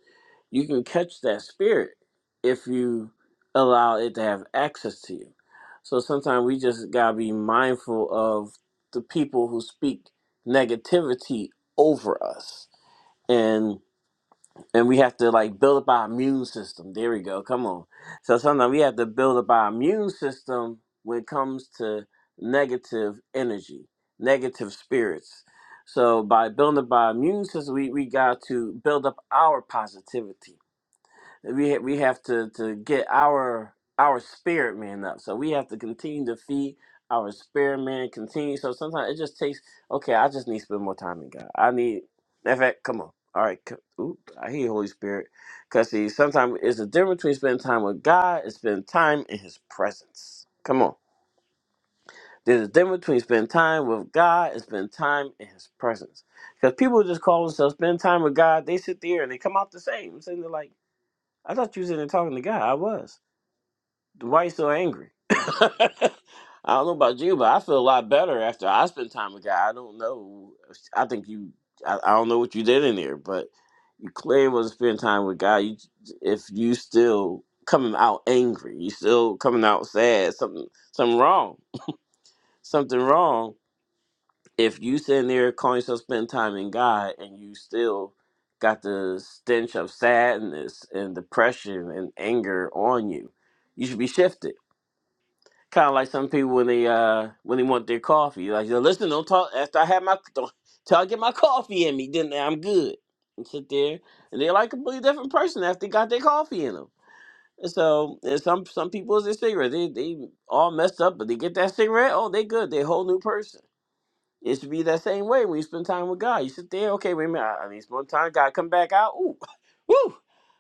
S1: you can catch that spirit if you allow it to have access to you so sometimes we just gotta be mindful of the people who speak negativity over us and and we have to like build up our immune system. There we go. Come on. So sometimes we have to build up our immune system when it comes to negative energy, negative spirits. So by building up our immune system, we, we got to build up our positivity we ha- we have to to get our our spirit man up. So we have to continue to feed our spirit man. Continue. So sometimes it just takes. Okay, I just need to spend more time in God. I need. In fact, come on. All right. c- Ooh, I hear you, Holy Spirit. Cause see, sometimes it's a difference between spending time with God and spending time in His presence. Come on. There's a difference between spending time with God and spending time in His presence. Because people just call themselves spend time with God. They sit there and they come out the same. And they're like. I thought you was in there talking to God. I was. Why you so angry? [LAUGHS] I don't know about you, but I feel a lot better after I spent time with God. I don't know. I think you. I, I don't know what you did in there, but you clearly wasn't spending time with God. You, if you still coming out angry, you still coming out sad. Something, something wrong. Something wrong if you sitting there calling yourself spending time in God and you still got the stench of sadness and depression and anger on you, you should be shifted. Kind of like some people when they uh when they want their coffee, like yo, listen, don't talk after I have my don't till I get my coffee in me, then I'm good. And sit there, and they're like a completely different person after they got their coffee in them. And so, and some some people is a cigarette, they they all messed up, but they get that cigarette, oh, they good, they a whole new person. It should be that same way when you spend time with God. You sit there, okay, wait a minute, I, I need some more time. God, come back out. Ooh, [LAUGHS] woo.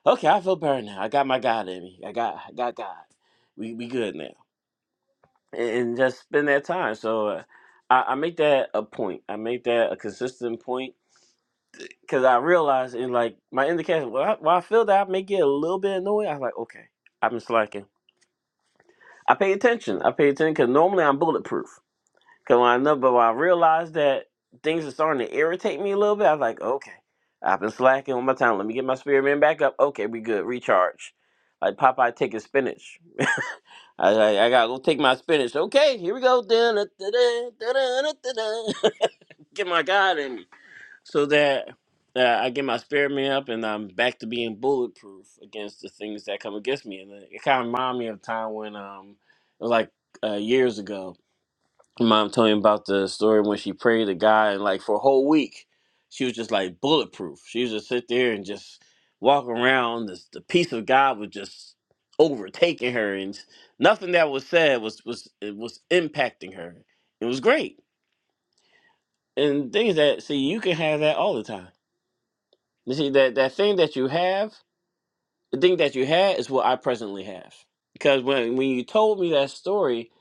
S1: Okay, I feel burned now. I got my God in me. I got, I got God. We we good now. And, and just spend that time. So uh, I, I make that a point. I make that a consistent point because I realize in like my indication, well, I, when I feel that I may get a little bit annoyed. I'm like, okay, I've been slacking. I pay attention. I pay attention because normally I'm bulletproof. Cause when I know, but when I realized that things are starting to irritate me a little bit, I was like, okay, I've been slacking on my time. Let me get my spirit man back up. Okay, we good. Recharge. Like Popeye taking spinach. I, I, I gotta go take my spinach. Okay, here we go. Dun, dun, dun, dun, dun, dun, dun, dun. [LAUGHS] get my God in me so that uh, I get my spirit man up and I'm back to being bulletproof against the things that come against me. And it kind of reminded me of a time when um, it was like uh, years ago mom told me about the story when she prayed to God, and like for a whole week, she was just like bulletproof. She was just sit there and just walk around. This, the peace of God was just overtaking her, and nothing that was said was was it was impacting her. It was great, and things that see you can have that all the time. You see that that thing that you have, the thing that you had is what I presently have. Because when when you told me that story,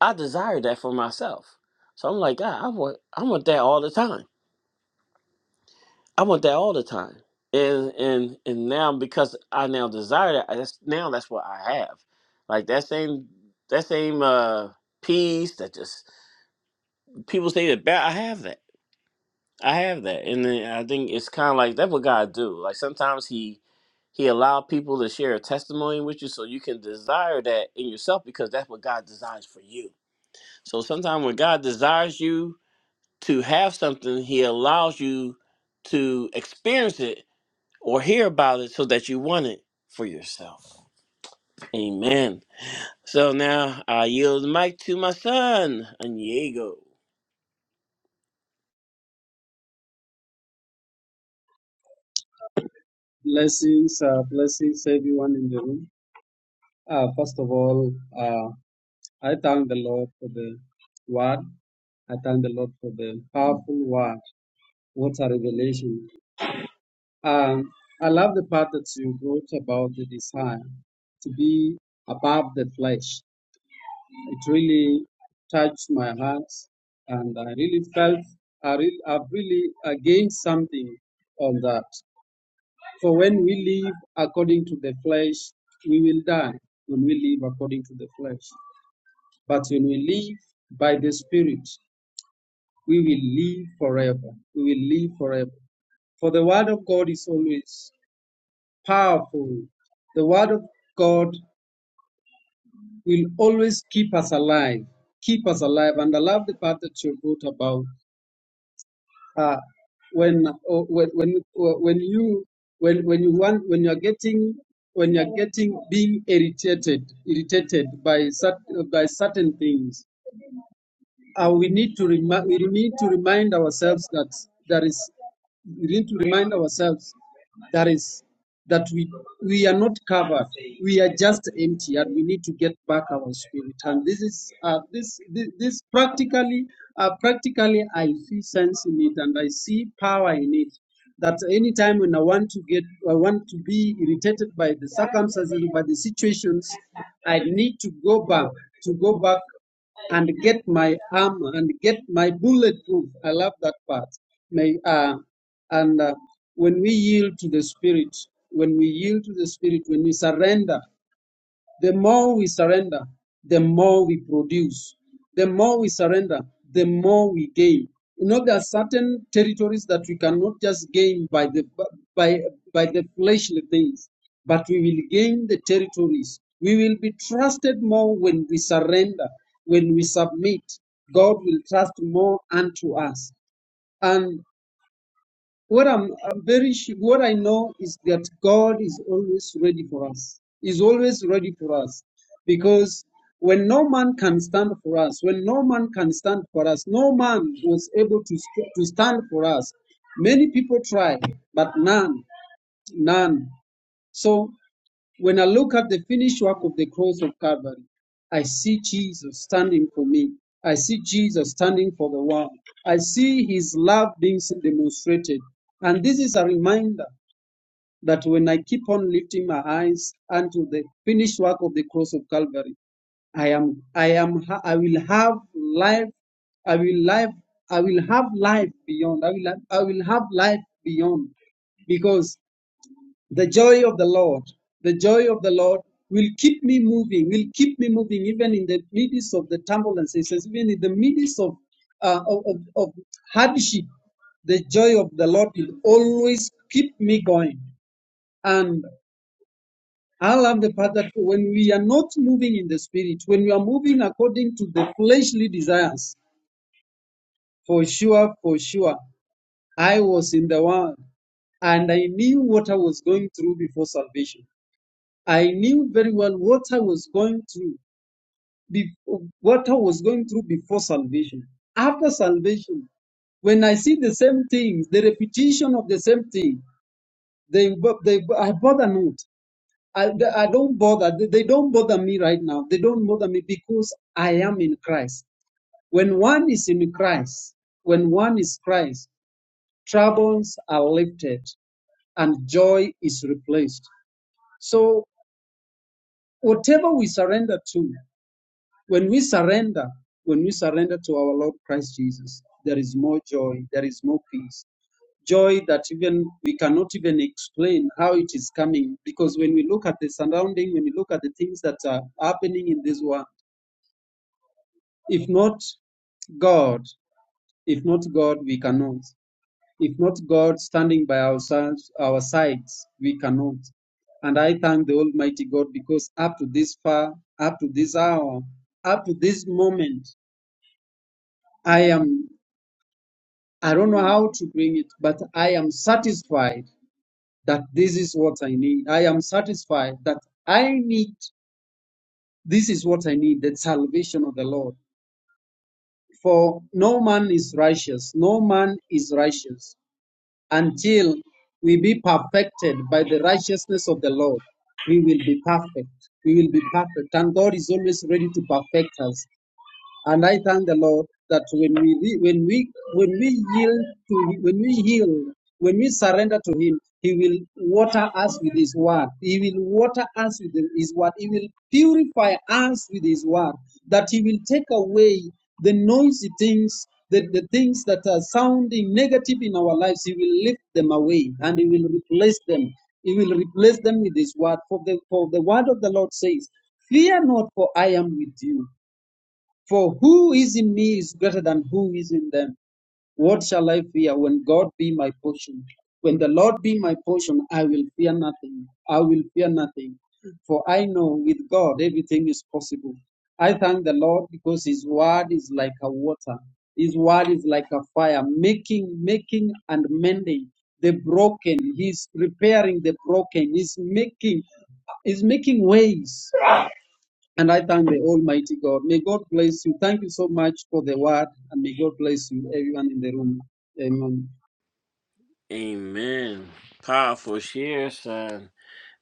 S1: I desired that for myself. So I'm like, God, I want I want that all the time. I want that all the time. And and and now because I now desire that, I- that's now that's what I have. Like that same that same uh peace that just people say that bad. I have that. I have that. And then I think it's kind of like that's what God do. Like sometimes he he allow people to share a testimony with you so you can desire that in yourself because that's what God desires for you. So sometimes when God desires you to have something, he allows you to experience it or hear about it so that you want it for yourself. Amen. So now I yield the mic to my son, Aniego.
S3: Blessings, uh, blessings, everyone in the room. Uh, first of all, uh, I thank the Lord for the word. I thank the Lord for the powerful word. What a revelation. Um, I love the part that you wrote about the desire to be above the flesh. It really touched my heart, and I really felt I re- I've really uh, gained something on that. For when we live according to the flesh, we will die when we live according to the flesh. But when we live by the Spirit, we will live forever. We will live forever. For the Word of God is always powerful. The Word of God will always keep us alive, keep us alive. And I love the part that you wrote about uh, when uh, when when uh, when you when when you want when you are getting when you are getting being irritated irritated by cert, by certain things uh, we need to remind we need to remind ourselves that there is we need to remind ourselves that is that we we are not covered we are just empty and we need to get back our spirit and this is uh, this, this this practically uh, practically i feel sense in it and i see power in it that anytime when i want to get i want to be irritated by the circumstances by the situations i need to go back to go back and get my armor and get my bulletproof. I love that part. May uh, and uh, when we yield to the Spirit, when we yield to the Spirit, when we surrender. The more we surrender, the more we produce. The more we surrender, the more we gain. You know, there are certain territories that we cannot just gain by the by by the fleshly things, but we will gain the territories. We will be trusted more when we surrender, when we submit. God will trust more unto us. And. What I'm, I'm very sure, what I know is that God is always ready for us. Is always ready for us, because when no man can stand for us, when no man can stand for us, no man was able to st- to stand for us. Many people tried, but none, none. So when I look at the finished work of the cross of Calvary, I see Jesus standing for me. I see Jesus standing for the world. I see his love being demonstrated. And this is a reminder that when I keep on lifting my eyes unto the finished work of the cross of Calvary, I am, I am, I will have life. I will life. I will have life beyond. I will, I will have life beyond, because the joy of the Lord, the joy of the Lord will keep me moving, will keep me moving, even in the midst of the turbulences, even in the midst of, uh, of, of of hardship. The joy of the Lord will always keep me going. And I love the part that when we are not moving in the spirit, when we are moving according to the fleshly desires, for sure, for sure, I was in the world and I knew what I was going through before salvation. I knew very well what I was going through, be- what I was going through before salvation. After salvation, when I see the same things, the repetition of the same thing, they, bo- they bo- I bother not. I, they- I don't bother. They they don't bother me right now. They don't bother me because I am in Christ. When one is in Christ, when one is Christ, troubles are lifted and joy is replaced. So whatever we surrender to, When we surrender, when we surrender to our Lord Christ Jesus, there is more joy, there is more peace. Joy that even we cannot even explain how it is coming. Because when we look at the surrounding, when we look at the things that are happening in this world, if not God, if not God, we cannot. If not God standing by ourselves, our sides, we cannot. And I thank the Almighty God because up to this far, up to this hour, up to this moment, I am. I don't know how to bring it, but I am satisfied that this is what I need. I am satisfied that I need, this is what I need, the salvation of the Lord. For no man is righteous, no man is righteous until we be perfected by the righteousness of the Lord. We will be perfect. We will be perfect. And God is always ready to perfect us. And I thank the Lord that when we re- when we when we yield to when we yield when we surrender to Him, He will water us with His word. He will water us with His word. He will purify us with His word. That He will take away the noisy things, the, the things that are sounding negative in our lives. He will lift them away and He will replace them. He will replace them with His word. For the for the word of the Lord says, "Fear not, for I am with you." For who is in me is greater than who is in them. What shall I fear when God be my portion? When the Lord be my portion, I will fear nothing. I will fear nothing. For I know with God everything is possible. I thank the Lord because his word is like a water. His word is like a fire, making, making and mending the broken. He's repairing the broken. He's making, he's making ways and I thank the Almighty God. May God bless you. Thank you so much for the word, and may God bless you, everyone in the room. Amen.
S1: Amen. Powerful share, son.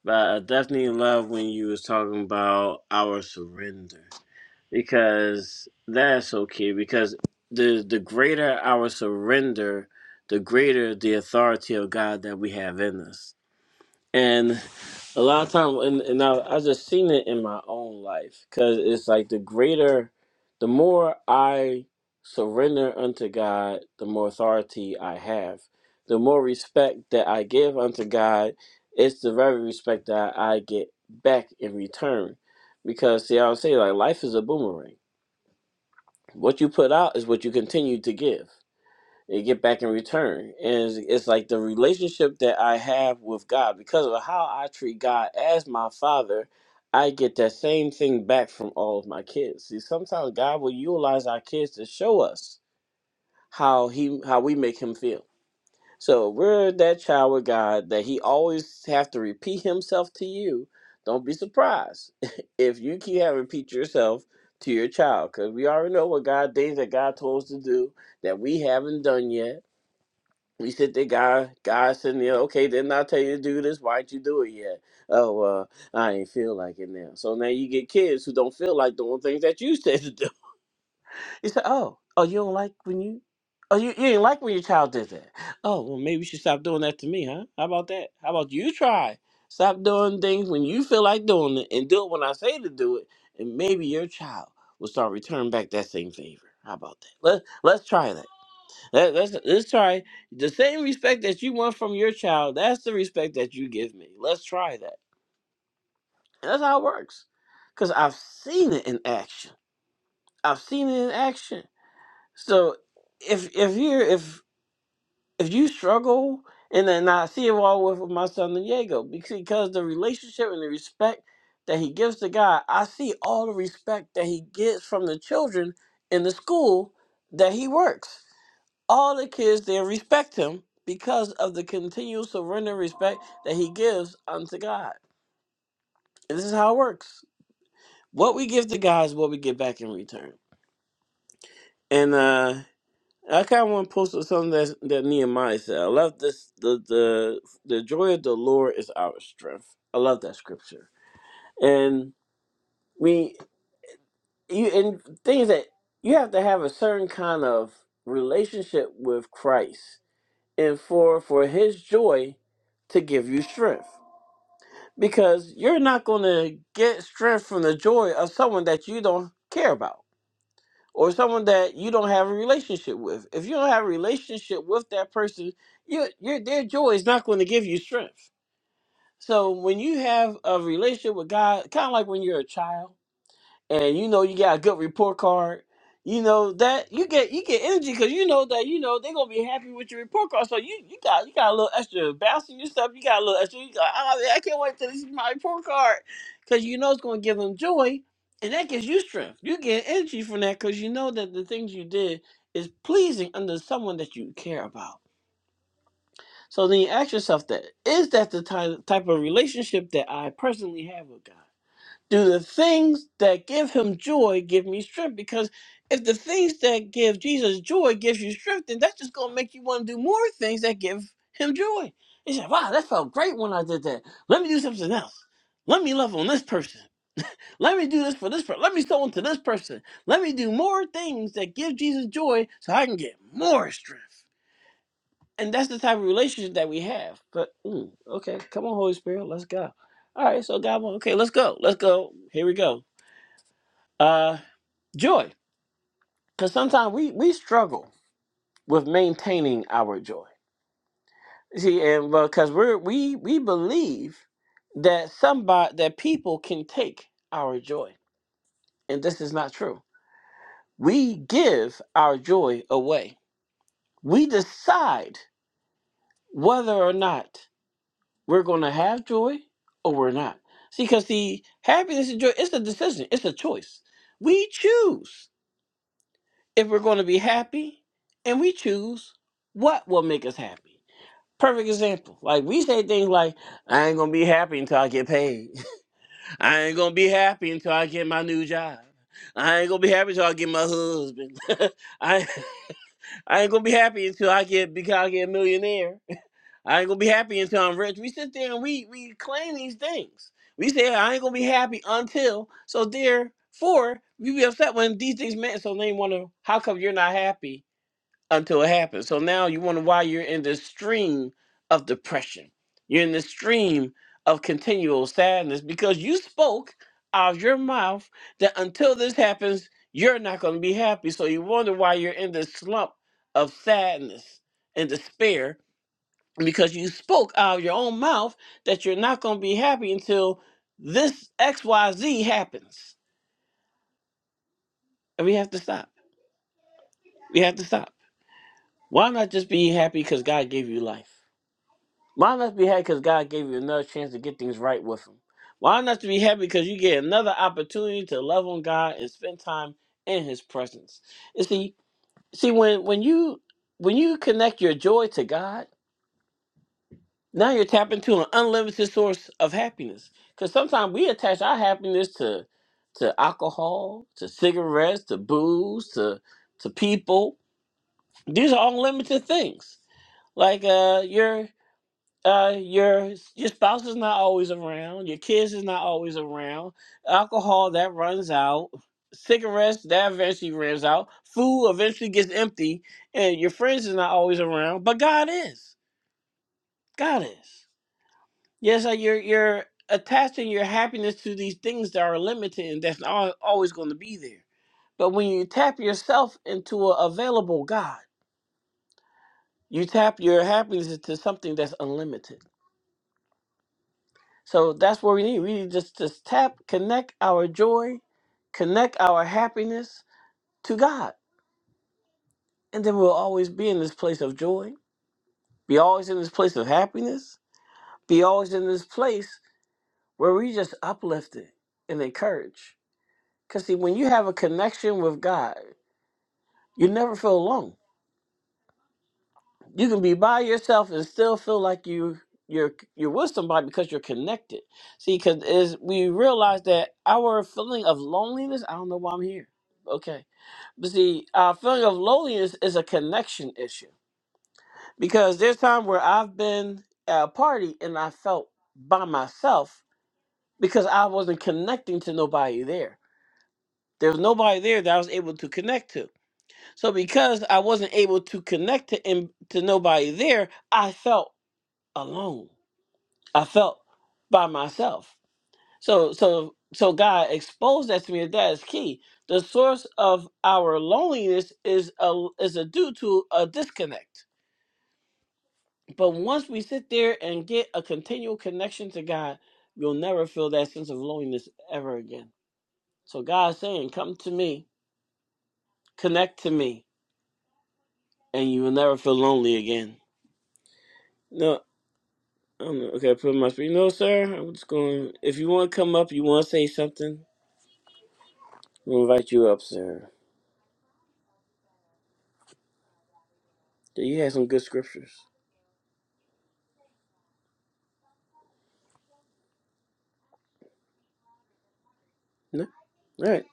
S1: But I definitely love when you was talking about our surrender because that's okay. Because the the greater our surrender, the greater the authority of God that we have in us And a lot of time, and, and I, I just seen it in my own life because it's like the greater, the more I surrender unto God, the more authority I have. The more respect that I give unto God, it's the very respect that I get back in return. Because see, I would say like life is a boomerang. What you put out is what you continue to give they get back in return. And it's, it's like the relationship that I have with God, because of how I treat God as my father, I get that same thing back from all of my kids. See, sometimes God will utilize our kids to show us how he how we make him feel. So we're that child with God that he always have to repeat himself to you. Don't be surprised [LAUGHS] if you keep having to repeat yourself to your child, because we already know what God things that God told us to do that we haven't done yet we sit there, God, God sitting there, okay, didn't I tell you to do this? Why'd you do it yet? Oh, uh, I ain't feel like it now. So now you get kids who don't feel like doing things that you [LAUGHS] said to do. [LAUGHS] You say, oh, oh, you don't like when you, oh, you, you didn't like when your child did that. Oh, well, maybe you should stop doing that to me, huh? How about that? How about you try? Stop doing things when you feel like doing it and do it when I say to do it. And maybe your child will start returning back that same favor. How about that? Let, let's try that. Let, let's let's try the same respect that you want from your child. That's the respect that you give me. Let's try that. And that's how it works, because I've seen it in action. I've seen it in action. So if if you if if you struggle and then I see it all with my son Diego because because the relationship and the respect that he gives to God, I see all the respect that he gets from the children in the school that he works all the kids there respect him because of the continual surrender and respect that he gives unto God. And this is how it works. What we give to God is what we get back in return. And uh I kind of want to post something that that Nehemiah said. I love this. The the the joy of the Lord is our strength. I love that scripture. And we you and things that you have to have a certain kind of relationship with Christ, and for for His joy to give you strength. because you're not going to get strength from the joy of someone that you don't care about or someone that you don't have a relationship with. If you don't have a relationship with that person, your your their joy is not going to give you strength. So when you have a relationship with God, kind of like when you're a child and you know you got a good report card, you know that you get you get energy because you know that you know they're gonna be happy with your report card. So you you got you got a little extra bounce in your stuff. You got a little extra. You got, oh, man, I can't wait till this is my report card because you know it's gonna give them joy, and that gives you strength. You get energy from that because you know that the things you did is pleasing under someone that you care about. So then you ask yourself that is that the type type of relationship that I personally have with God? do the things that give him joy give me strength because if the things that give jesus joy gives you strength then that's just going to make you want to do more things that give him joy he said wow that felt great when i did that let me do something else let me love on this person let me do this for this person let me sow into this person let me do more things that give jesus joy so i can get more strength and that's the type of relationship that we have but mm, okay come on holy spirit let's go all right so god okay let's go let's go here we go uh, joy, because sometimes we we struggle with maintaining our joy. See, and because we're we we believe that somebody that people can take our joy, and this is not true. We give our joy away. We decide whether or not we're going to have joy or we're not. See, because the happiness and joy it's a decision, it's a choice. We choose if we're going to be happy and we choose what will make us happy. Perfect example. Like we say things like, I ain't gonna be happy until I get paid. [LAUGHS] I ain't gonna be happy until I get my new job. I ain't gonna be happy until I get my husband. [LAUGHS] I I ain't gonna be happy until I get because I get a millionaire. [LAUGHS] I ain't gonna be happy until I'm rich. We sit there and we we claim these things. We say I ain't gonna be happy until so therefore we be upset when these things meant so they wanna how come you're not happy until it happens. So now you wonder why you're in the stream of depression. You're in the stream of continual sadness because you spoke out of your mouth that until this happens, you're not going to be happy. So you wonder why you're in this slump of sadness and despair because you spoke out of your own mouth that you're not going to be happy until this XYZ happens. And we have to stop. We have to stop. Why not just be happy because God gave you life? Why not be happy because God gave you another chance to get things right with Him? Why not to be happy because you get another opportunity to love on God and spend time in His presence? You see, see when when you when you connect your joy to God, now you're tapping into an unlimited source of happiness. Because sometimes we attach our happiness to to alcohol, to cigarettes, to booze, to to people. These are all limited things like uh your uh your your spouse is not always around your kids is not always around alcohol that runs out cigarettes that eventually runs out food eventually gets empty and your friends is not always around but god is god is yes like you're you're attaching your happiness to these things that are limited and that's not al- always going to be there but when you tap yourself into an available god you tap your happiness into something that's unlimited So that's what we need. We need just to tap, connect our joy, connect our happiness to God. And then we'll always be in this place of joy, be always in this place of happiness, be always in this place where we just uplifted and encouraged. Because, see, when you have a connection with God, you never feel alone you can be by yourself and still feel like you you're you're with somebody because you're connected. See, because is we realize that our feeling of loneliness. I don't know why I'm here. Okay, but see, our feeling of loneliness is a connection issue because there's time where I've been at a party and I felt by myself because I wasn't connecting to nobody there. There was nobody there that I was able to connect to. So because I wasn't able to connect to, in, to nobody there, I felt alone. I felt by myself. So so so God exposed that to me. That is key. The source of our loneliness is a is a due to a disconnect. But once we sit there and get a continual connection to God, you'll never feel that sense of loneliness ever again. So God's saying, "Come to me, connect to me, and you will never feel lonely again." No, I don't know. Okay, I put my speed. No, sir. I'm just going. If you want to come up, you want to say something. We'll invite you up, sir. Do You have some good scriptures. No? All right.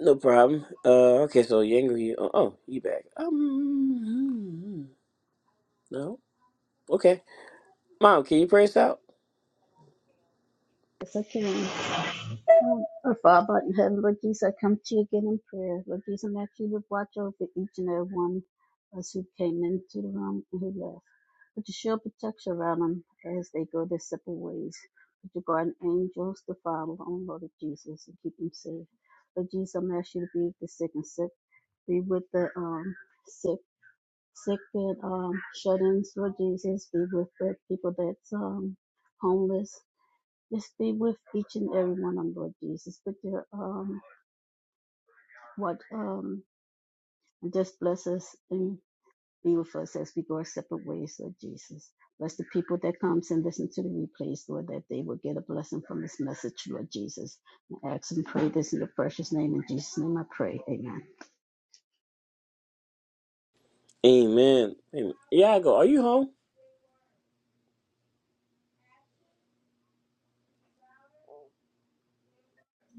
S1: No problem. Uh, okay, so Yangri. Oh, oh, you back. Um, hmm, hmm, hmm. no? Okay. Mom, can you pray us out?
S2: Yes, I can. Um, our Father in heaven, Lord Jesus, I come to you again in prayer. Lord Jesus, I ask you to watch over each and every one of us who came into the room and who left. Put your shield of protection around them as they go their separate ways. Put your guardian angels to follow on, Lord Jesus, and keep them safe. Lord Jesus, I'm asking you to be with the sick and sick. Be with the um sick, sick bed um shut-ins, Lord Jesus. Be with the people that's um homeless. Just be with each and every one on Lord Jesus. But your um what um just bless us and be with us as we go our separate ways, Lord Jesus. Bless the people that comes and listen to the replays, Lord, that they will get a blessing from this message, Lord Jesus. I ask and pray this in your precious name. In Jesus' name I pray. Amen.
S1: Amen. Amen. Yeah, I go. are you home?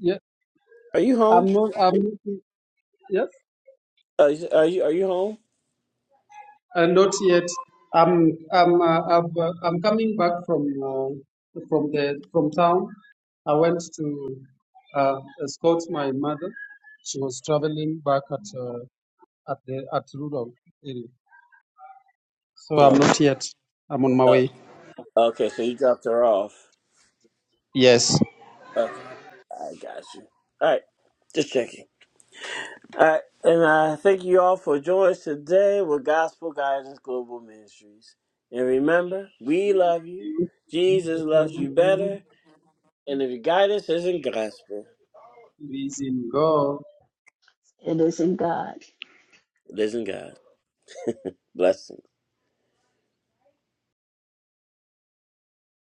S3: Yeah,
S1: Are you home?
S3: I'm not. I'm not- yes,
S1: Uh, is- are you are you home?
S3: uh, not yet. I'm. I'm. Uh, I've, uh, I'm coming back from uh, from the from town. I went to uh, escort my mother. She was traveling back at uh, at the at rural area. So
S1: Oh,
S3: I'm not
S1: okay.
S3: yet. I'm on my way.
S1: Uh, okay, so you dropped her off.
S3: Yes.
S1: Okay, I got you. All right, just checking. I, and I thank you all for joining us today with Gospel Guidance Global Ministries. And remember, we love you. Jesus loves you better. And if your guidance isn't gospel,
S3: Praising God.
S2: It is in God.
S1: it isn't God. Blessings.